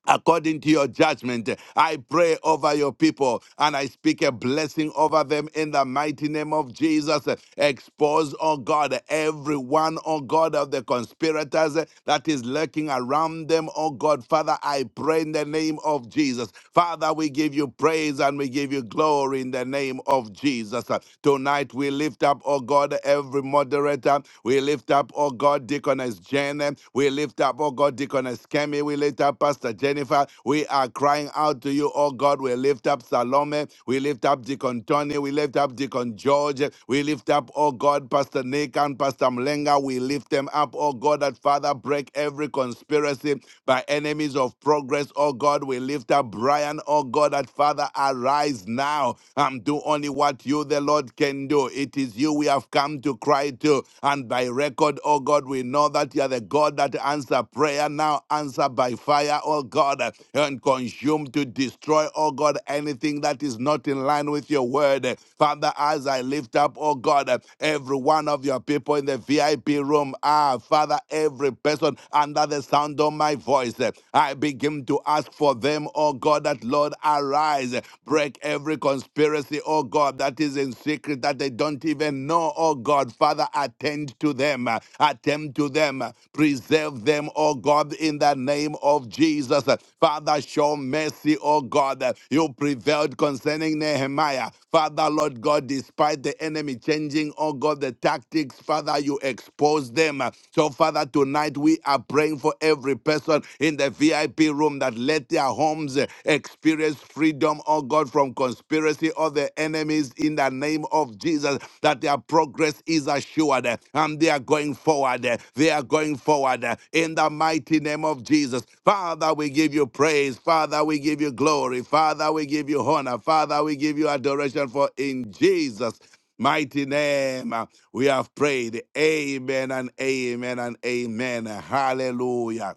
C: according to your judgment. I pray over your people and I speak a blessing over them in the mighty name of Jesus. Expose, oh God, every one, oh God, of the conspirators that is lurking around them, oh God. Father, I pray in the name of Jesus. Father, we give you praise and we give you glory in the name of Jesus. Tonight we lift up, oh God, every moderator. We lift up, oh God, Deaconess Jen name. We lift up, oh God, Deaconess Kemi. We lift up Pastor Jennifer. We are crying out to you, oh God. We lift up Salome. We lift up Deacon Tony. We lift up Deacon George. We lift up, oh God, Pastor Nick and Pastor Mlenga. We lift them up, oh God, that Father break every conspiracy by enemies of progress, oh God. We lift up Brian, oh God, that Father arise now and do only what you, the Lord, can do. It is you we have come to to cry to. And by record, oh God, we know that you are the God that answer prayer. Now answer by fire, oh God, and consume to destroy, oh God, anything that is not in line with your word. Father, as I lift up, oh God, every one of your people in the VIP room, ah, Father, every person under the sound of my voice, I begin to ask for them, oh God, that Lord, arise, break every conspiracy, anybody, oh God, that is in secret that they don't even know, oh God. Father, attend to them, uh, attend to them, uh, preserve them, oh God, in the name of Jesus. Uh, Father, show mercy, oh God. Uh, You prevailed concerning Nehemiah. Father, Lord God, despite the enemy changing, oh God, the tactics, Father, you expose them. Uh, So, Father, tonight we are praying for every person in the VIP room that let their homes Experience freedom, oh God, from conspiracy of the enemies in the name of Jesus, that their progress is assured eh, and they are going forward. eh, They are going forward eh, in the mighty name of Jesus. Father, we give you praise. Father, we give you glory. Father, we give you honor. Father, we give you adoration for in Jesus. Mighty name, uh, we have prayed. Amen and amen and amen. Hallelujah.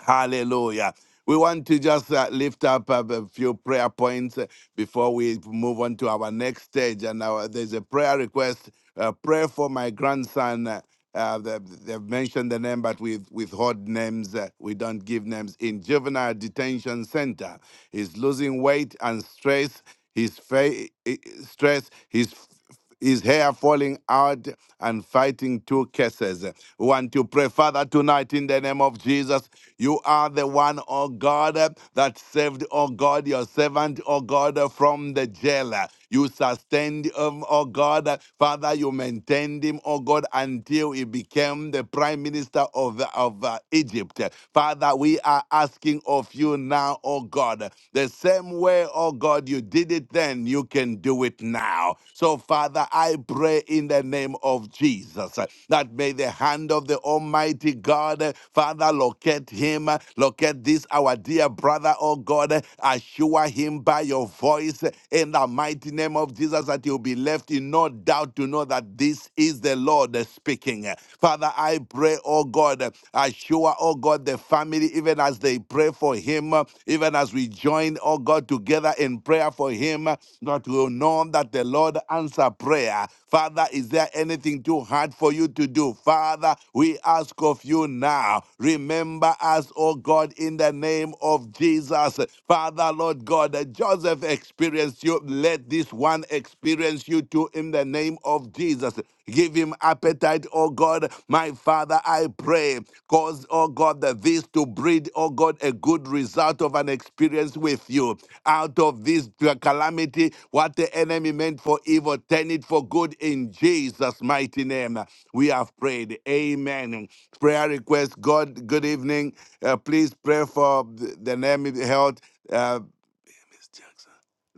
C: Hallelujah. We want to just uh, lift up uh, a few prayer points uh, before we move on to our next stage. And our, there's a prayer request. Uh, pray for my grandson. Uh, uh, they- they've mentioned the name, but we withhold names. Uh, we don't give names. In juvenile detention center, he's losing weight and stress. His fa- i- stress. His his hair falling out and fighting two cases. We want to pray, Father, tonight in the name of Jesus. You are the one, oh God, that saved, oh God, your servant, oh God, from the jailer. You sustained him, oh God. Father, you maintained him, oh God, until he became the prime minister of, of uh, Egypt. Father, we are asking of you now, oh God. God. The same way, oh God, you did it then, you can do it now. So, Father, I pray in the name of Jesus uh, that may the hand of the Almighty God, uh, Father, locate him, uh, locate this, our dear brother, oh God, uh, assure him by your voice uh, in the mighty name of Jesus that He will be left in no doubt to know that this is the Lord uh, speaking. Father, I pray, oh God. God. I oh God, the family, even as they pray for him, uh, even as we join, oh God, together in prayer for him, uh, that we'll know that the Lord answer prayer. Father, is there anything too hard for you to do? Father, we ask of you now. Remember us, oh God, in the name of Jesus. Father, Lord God, that Joseph experienced you. Let this one experience you too in the name of Jesus. Give him appetite, oh God. My Father, I pray. Cause, oh God, that this to breed, oh God, a good result of an experience with you. Out of this calamity, what the enemy meant for evil, turn it for good in Jesus' mighty name. We have prayed. Amen. Prayer request, God, good evening. Uh, please pray for the the name health. uh,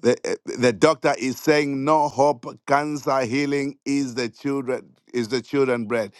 C: the, eh, the doctor is saying no hope. Cancer healing is the children is the children bread.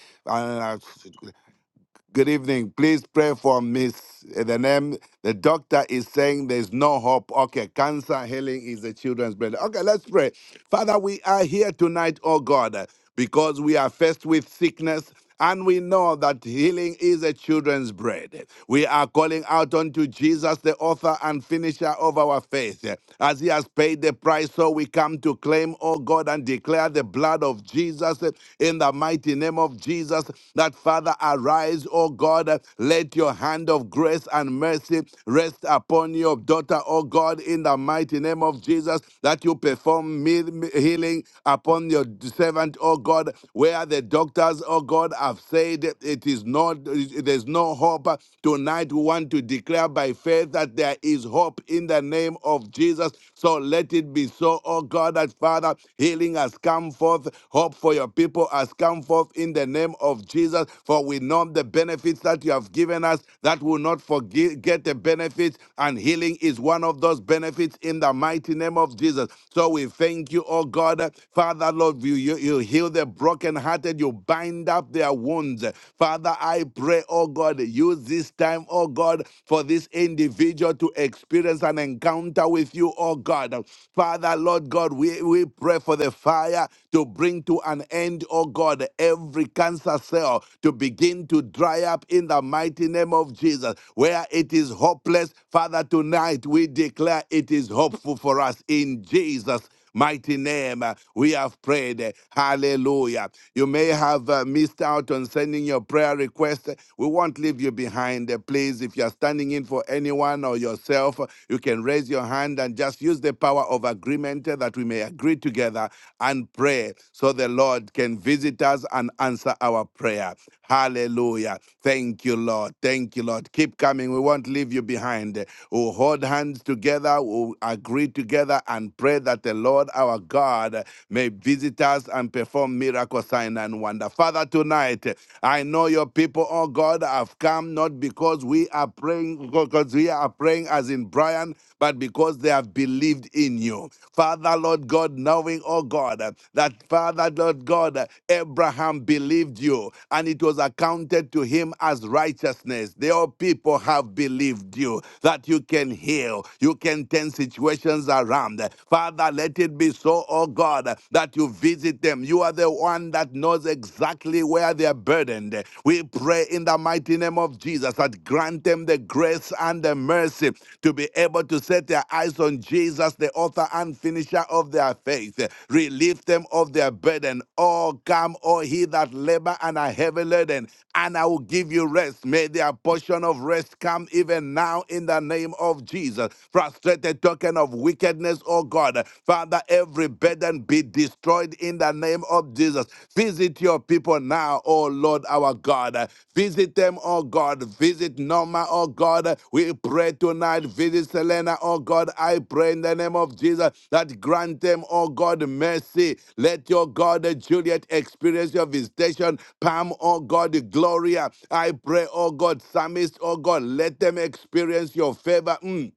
C: Good evening. Please pray for Miss. uh, The name, the doctor is saying there's no hope. Okay, cancer healing is the children's bread. Okay, let's pray. Father, we are here tonight, oh God, uh, because we are faced with sickness. And we know that healing is a children's bread. We are calling out unto Jesus, the author and finisher of our faith. As he has paid the price, so we come to claim, oh God, and declare the blood of Jesus in the in the mighty name of Jesus that Father arise, O God, let your hand of grace and mercy rest upon your daughter, O God, in the mighty name of Jesus, that you perform me- me- healing upon your servant, O God, where the doctors, O God, have said it is not, there's no hope. Tonight we want to declare by faith that there is hope in the name of Jesus. So let it be so, O God, that Father. Father. Healing has come forth. Hope for your people has come forth in the name of Jesus. For we know the benefits that you have given us that will not forget get the benefits. And healing is one of those benefits in the mighty name of Jesus. So we thank you, oh God. Father, Lord, you, you, you heal the brokenhearted. You bind up their wounds. Father, I pray, oh God, use this time, oh God, for this individual to experience an encounter encounter with you, oh God. Father, Lord God, we, we pray for the fire to bring to an end, oh God, every cancer cell to begin to dry up in the mighty name of Jesus. Where it is hopeless, Father, tonight we declare it is hopeful for us in Jesus mighty name, uh, we have prayed. Uh, Hallelujah. You may have uh, missed out on sending your prayer request. We won't leave you behind. Uh, Please, if you're standing in for anyone or yourself, uh, you can raise your hand and just use the power of agreement uh, that we may agree together and pray so the Lord can visit us and answer our prayer. Hallelujah. Thank you, Lord. Thank you, Lord. Keep coming. We won't leave you behind. Uh, We'll hold hands together. We'll agree together and and pray that the Lord our God may visit us and perform miracle sign and wonder. Father, tonight, I know your people, oh God, have come not because we are praying, because we are praying as in Brian, but because they have believed in you. Father, Lord God, knowing, oh God, that Father, Lord God, Abraham believed you and it was accounted to him as righteousness. Their people have believed you that you can heal, you can turn situations situations around. Father, let it be so, oh God, that you visit them. You are the one that knows exactly where they are burdened. We pray in the mighty name of Jesus that grant them the grace and the mercy to be able to set their eyes on Jesus, the author and finisher of their faith. Relieve them of their burden. Oh, come, oh, he that labor and are heavy laden, and I will give you rest. May their portion of rest come even now in the name of Jesus. Frustrate. Let the token of wickedness, oh God, Father, every burden be destroyed in the name of Jesus. Visit your people now, oh Lord our God. Visit them, oh God. Visit Norma, oh God. We pray tonight. Visit Selena, oh God. I pray in the name of Jesus that grant them, oh God, mercy. Let your God, Juliet, experience your visitation. Pam, oh God, Gloria. I pray, oh God, Psalmist, oh God, let them experience your favor. Mm.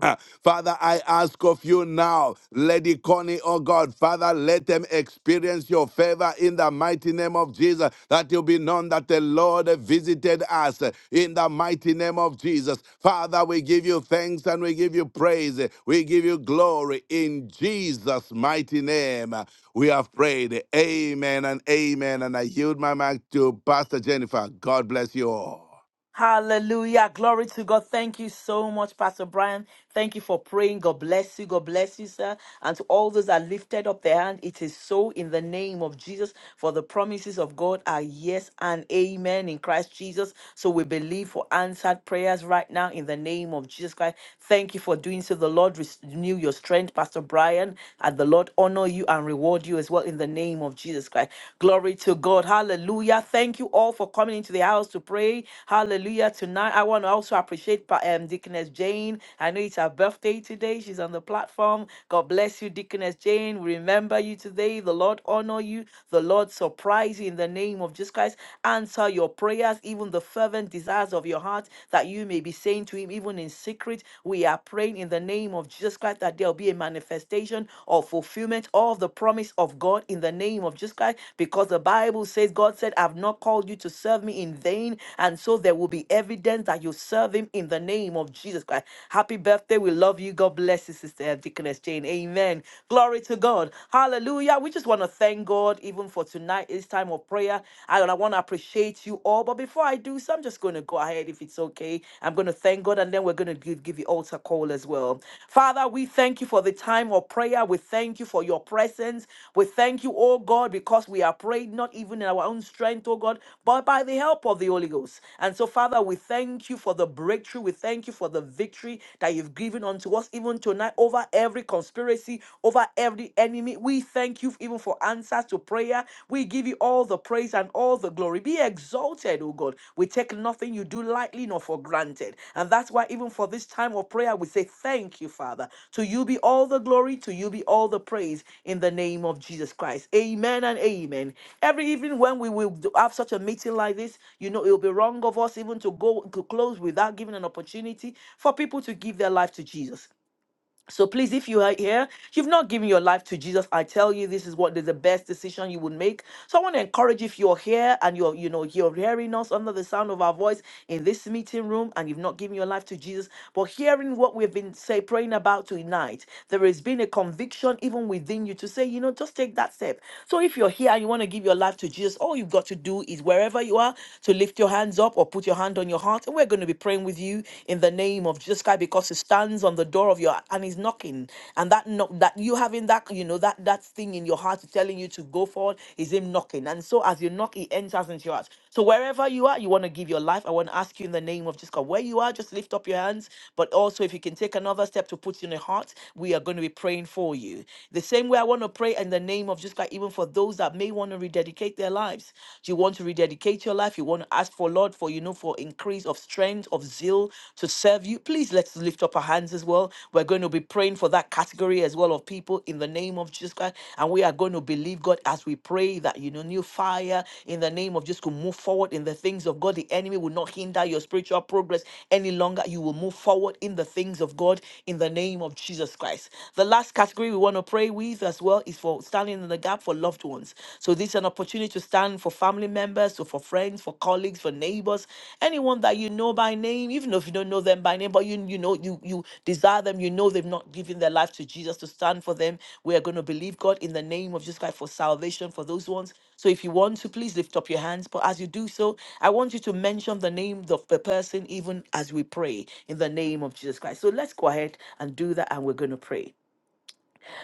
C: Ah, Father, I ask of you now, Lady Connie, oh God, Father, let them experience your favor in the mighty name of Jesus, that you'll be known that the Lord visited us eh, in the mighty name of Jesus. Father, we give you thanks and we give you praise. We give you glory in Jesus' mighty name. We have prayed. Amen and amen. And I yield my mic to Pastor Jennifer. God bless you all.
B: Hallelujah. Glory to God. Thank you so much, Pastor Brian. Thank you for praying. God bless you. God bless you, sir. And to all those that lifted up their hand, it is so in the name of Jesus. For the promises of God are yes and amen in Christ Jesus. So we believe for answered prayers right now in the name of Jesus Christ. Thank you for doing so. The Lord renew your strength, Pastor Brian. And the Lord honor you and reward you as well in the name of Jesus. Jesus Christ. Glory to God. Hallelujah. Thank you all for coming into the house to pray. Hallelujah. Tonight, I want to also appreciate Pa- um, Deaconess Jane. I know it's her birthday today. She's on the platform. God bless you, Deaconess Jane. We remember you today. The Lord honor you. The Lord surprise you in the name of Jesus Christ. Answer your prayers, even the fervent desires of your heart that you may be saying to Him, even in secret. We are praying in the name of Jesus Christ that there'll be a manifestation or fulfillment of the promise of God in the name of Jesus Christ because the Bible says God said, I've not called you to serve me in vain. And so there will be evidence that you serve him in the name of Jesus Christ. Happy birthday. We love you. God bless you, Sister Deaconess Jane. Amen. Glory to God. Hallelujah. We just want to thank God even for tonight, this time of prayer. I, I want to appreciate you all. But before I do so, just going to go ahead if it's okay. I'm going to thank God and then we're going to give, give the altar call as well. Father, we thank you for the time of prayer. We thank you for your presence. We thank you, oh God, because we are praying not even in our own strength, oh God, but by the help of the Holy Ghost. And so, Father, we thank you for the breakthrough. We thank you for the victory that you've given unto us even tonight over every conspiracy, over every enemy. We thank you even for answers answers to prayer. We give you all the praise and all the glory. Be exalted, O God. We take nothing you do lightly nor for granted. And that's why, even for this time of prayer, we say, Thank you, Father. To you be all the glory, to you be all the praise in the name of Jesus Christ. Amen and amen. Every evening when we will do- have such a meeting like this, you know, it'll be wrong of us even to go to close without giving an opportunity for people to give their life to Jesus. So please, if you are here, you've not given your life to Jesus. I tell you, this is what is the best decision you would make. So I want to encourage if you're here and you're, you know, you're hearing us under the sound of our voice in this meeting room, and you've not given your life to Jesus, but hearing what we've been say praying about tonight, there has been a conviction even within you to say, you know, just take that step. So if you're here and you want to give your life to Jesus, all you've got to do is wherever you are to lift your hands up or put your hand on your heart, and we're going to be praying with you you in the name of Jesus Christ because he stands on the door of your and he's knocking. And that knock that you having that, you know, that that thing in your heart telling you to go forward is him knocking. And so as you knock, he enters into your heart. So wherever you are, you want to give your life. I want to ask you in the name of Jesus Christ, where you are, just lift up your hands. But also if you can take another step to put in your heart, we are going to be praying for you. The same way I want to pray in the name of Jesus Christ, even for those that may want to rededicate their lives. Do you want to rededicate? dedicate Your life. You want to ask for Lord for you know for increase of strength of zeal to serve you. Please let's lift up our hands as well. We're going to be praying for that category as well of people in the name of Jesus Christ, and we are going to believe God as we pray that you know new fire in the name of Jesus to move forward in the things of God. The enemy will not hinder your spiritual progress any longer. You will move forward in the things of God in the name of Jesus Christ. The last category we want to pray with as well is for standing in the gap for for loved ones. So this is an opportunity to stand for family members, so for friends, for colleagues, for neighbors, anyone that you know by name, even if you don't know them by name, but you you know you you desire them, you know they've not given their life to Jesus to stand for them. We are going to believe God in the name of Jesus Christ for salvation for those ones. So if you want to, please lift up your hands. But as you do so, I want you to mention the name of the person even as we pray in the name of Jesus Christ. So let's go ahead and do that, and we're going to pray.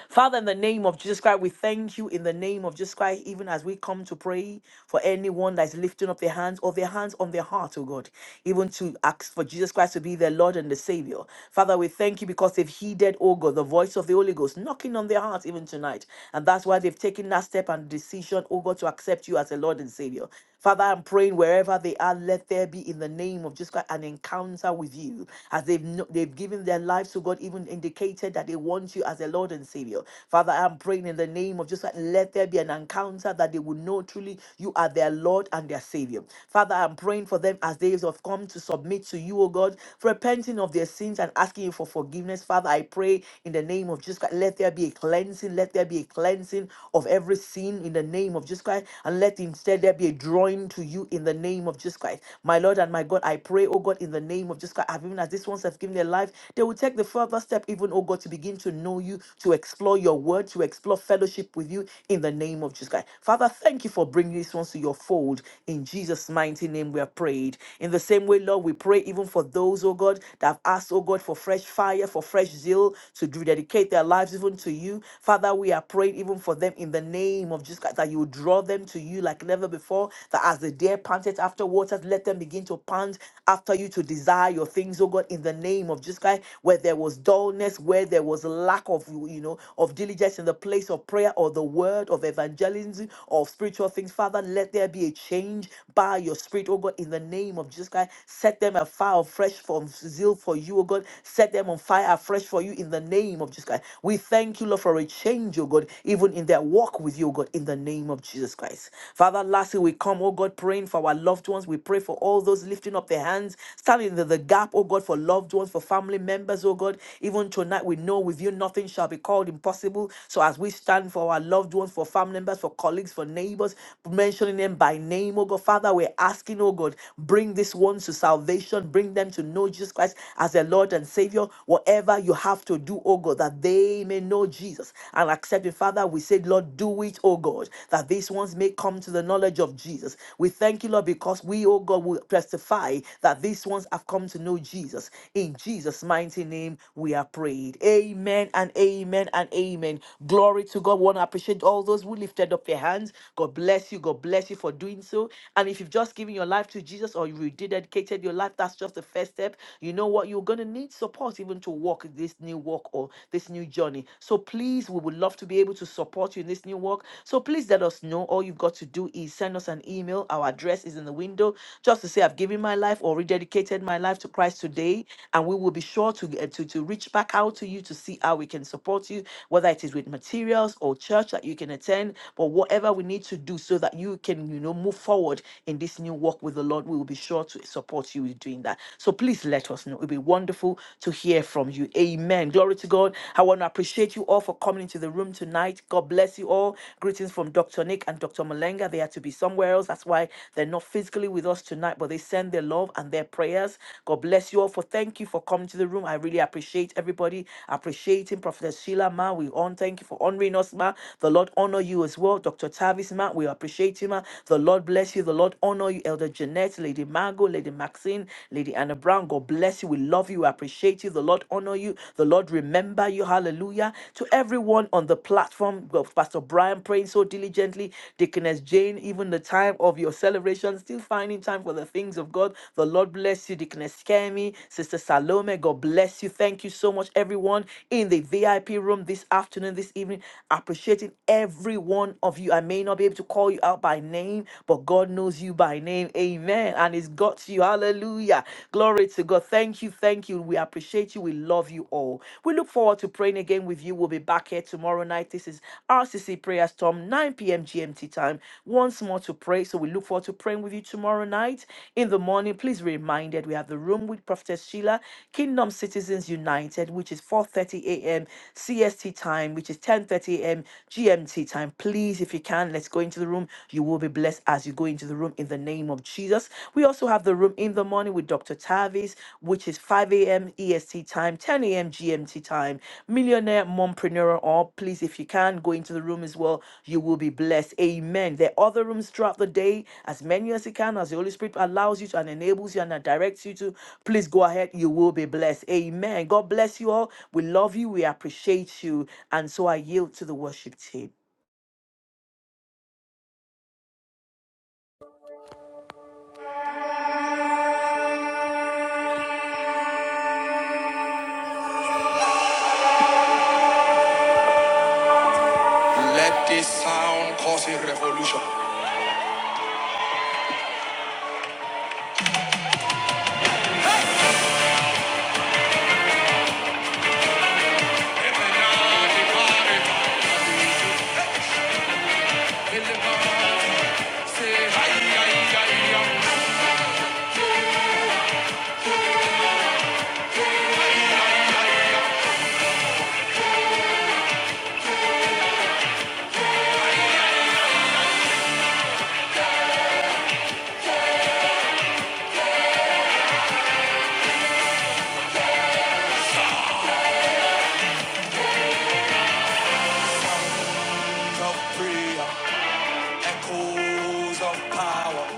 B: Father, in the name of Jesus Christ, we thank you in the name of Jesus Christ, even as we come to pray for anyone that's lifting up their hands or their hands on their heart, oh God, even to ask for Jesus Christ to be their Lord and the Savior. Father, we thank you because they've heeded, oh God, the voice of the Holy Ghost knocking on their hearts even tonight. And that's why they've taken that step and decision, oh God, to accept you as a Lord and Savior. Father, I'm praying wherever they are, let there be in the name of Jesus Christ an encounter with you. As they've kno- they've given their lives to God, even indicated that they want you as their Lord and Savior. Father, I'm praying in the name of Jesus Christ, let there be an encounter that they will know truly you are their Lord and their Savior. Father, I'm praying for them as they have come to submit to you, O God, repenting of their sins and asking you for forgiveness. Father, I pray in the name of Jesus Christ, let there be a cleansing, let there be a cleansing of every sin in the name of Jesus Christ. Jesus Christ, and let instead there be a drawing to you in the name of Jesus Christ. My Lord and my God, I pray, oh God, in the name of Jesus Christ, i even as these ones have given their life, they will take the further step, even, oh God, to begin to know you, to explore your word, to explore fellowship with you in the name of Jesus Christ. Father, thank you for bringing these ones to your fold. In Jesus' mighty name, we have prayed. In the same way, Lord, we pray even for those, oh God, that have asked, oh God, for fresh fire, for fresh zeal, to dedicate their lives even to you. Father, we are praying even for them them in the name of Jesus Christ, that you will draw them to you like never before, that as the deer panted after waters, let them begin to pant after you to desire your things, oh God, in the name of Jesus Christ, where there was dullness, where there was lack of, you know, of diligence in the place of prayer or the word of evangelism or spiritual things, Father, let there be a change by your spirit, oh God, in the name of Jesus Christ, set them afire fresh from zeal for you, oh God, set them on fire afresh for you in the name of Jesus Christ. We thank you, Lord you, Lord, for a change, oh God, even in their walk with you, oh God, in the name of Jesus Christ. Father, lastly, we come, oh God, praying for our loved ones. We pray for all those lifting up their hands, standing in the, the gap, oh God, for loved ones, for family members, oh God. Even tonight, we know with you nothing shall be called impossible. So as we stand for our loved ones, for family members, for colleagues, for neighbors, mentioning them by name, oh God, Father, we're asking, oh God, bring these ones to salvation, bring them to know Jesus Christ as their Lord and Savior. Whatever you have to to do, oh God, that they may know Jesus and accept it. Father, we say, Lord, do it, oh God, that these ones may come to the knowledge of Jesus. We thank you, Lord, because we, oh God, will testify that these ones have come to know Jesus. In Jesus' mighty name, we are prayed. Amen and amen and amen. Glory to God. We want to appreciate all those who lifted up their hands. God bless you. God bless you for doing so. And if you've just given your life to Jesus or you rededicated your life, that's just the first step. You know what you're going to need? need support even to walk this new walk or this new journey. So please, we would love to be able to support you in this new walk. So please let us know. All you've got to do is send us an email. Our address is in the window just to say, I've given my life or rededicated my life to Christ today. And we will be sure to, get- to, to reach back out to you to see how we can support you, whether it is with materials or church that you can attend, but whatever we need to do so that you can, you know, move forward in this new walk with the Lord, we will be sure to support you with doing that. So please let us know. It would be wonderful to hear from you. Amen. Glory to God. I want to appreciate you all for coming into the room tonight. God bless you all. Greetings from Dr. Nick and Dr. Malenga. They had to be somewhere else. That's why they're not physically with us tonight, but they send their love and their prayers. God bless you all for thank you for coming to the room. I really appreciate everybody. Appreciating Prophetess Sheila Ma. We on thank you for honoring us, Ma. The Lord honor you as well. Dr. Tavis Ma, we appreciate you, Ma. The Lord bless you. The Lord honor you, Elder Jeanette. Lady Margot, Lady Maxine, Lady Anna Brown. God bless you. We love you. We appreciate you. The Lord honor you. The Lord remember you. Hallelujah. To everyone on the platform, well, Pastor Brian praying so diligently, Deaconess Jane, even the time of your celebration, still finding time for the things of God. The Lord bless you, Deaconess Kemi, Sister Salome. God bless you. Thank you so much, everyone in the VIP room this afternoon, this evening. Appreciating every one of you. I may not be able to call you out by name, but God. God knows you by name. Amen. And it's got you. Hallelujah. Glory to God. Thank you. Thank you. We appreciate you. We love you all. We look forward to praying again with you. We'll be back here tomorrow night. This is RCC Prayer Storm, 9 p.m. GMT time. Once more to pray. So we look forward to praying with you tomorrow night. In the morning, please be reminded we have the room with Prophetess Sheila, Kingdom Citizens United, which is 4:30 a.m. CST time, which is 10:30 a.m. GMT time. Please, if you can, let's go into the room, you will be blessed as you go into the room in the name of Jesus. We also have the room in the morning with Dr. Tavis, which is 5 a.m. EST time, 10 a.m. GMT time. Millionaire mompreneur, or please, if you can, go into the room as well. You will be blessed. Amen. There are other rooms throughout the day, as many as you can, as the Holy Spirit allows you to and enables you and directs you to. Please go ahead. You will be blessed. Amen. God bless you all. We love you. We appreciate you. And so I yield to the worship team.
A: Let this sound cause a revolution. Sounds of prayer, echoes of power,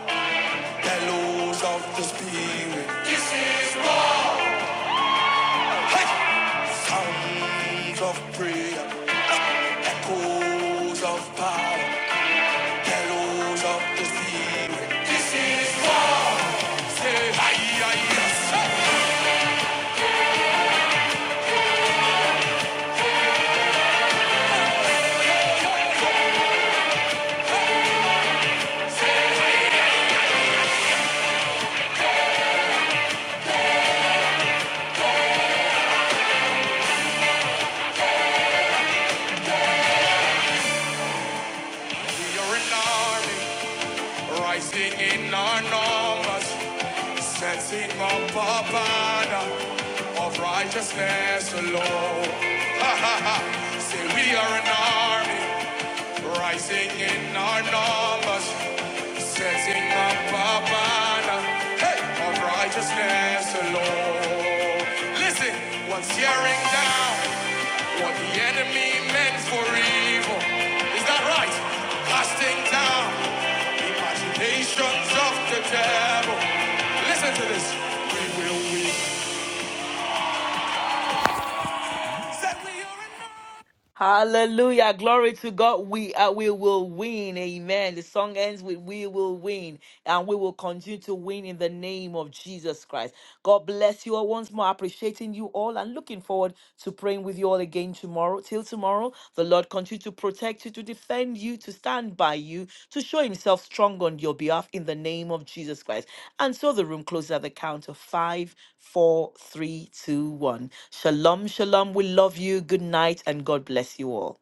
A: bellows of the spirit. Sounds of prayer, echoes of power. shadows of the sea. We are an army, rising in our numbers, setting up a banner of righteousness alone. Say we are an army, rising in our numbers, setting up a banner hey, of righteousness alone. Listen, what's tearing down what the enemy meant for evil? Is that right? Casting down Agitations of the devil. Listen to this. We will win.
B: Hallelujah. Glory to God. We are, we will win. Amen. The song ends with we will win and we will continue to win in the name of Jesus Christ. God bless you all once more. Appreciating you all and looking forward to praying with you all again tomorrow. Till tomorrow, the Lord continue to protect you, to defend you, to stand by you to show himself strong on your behalf in the name of Jesus Christ. And so the room closes at the count of five, four, three, two, one. Shalom, shalom. We love you. Good night, and God bless you all.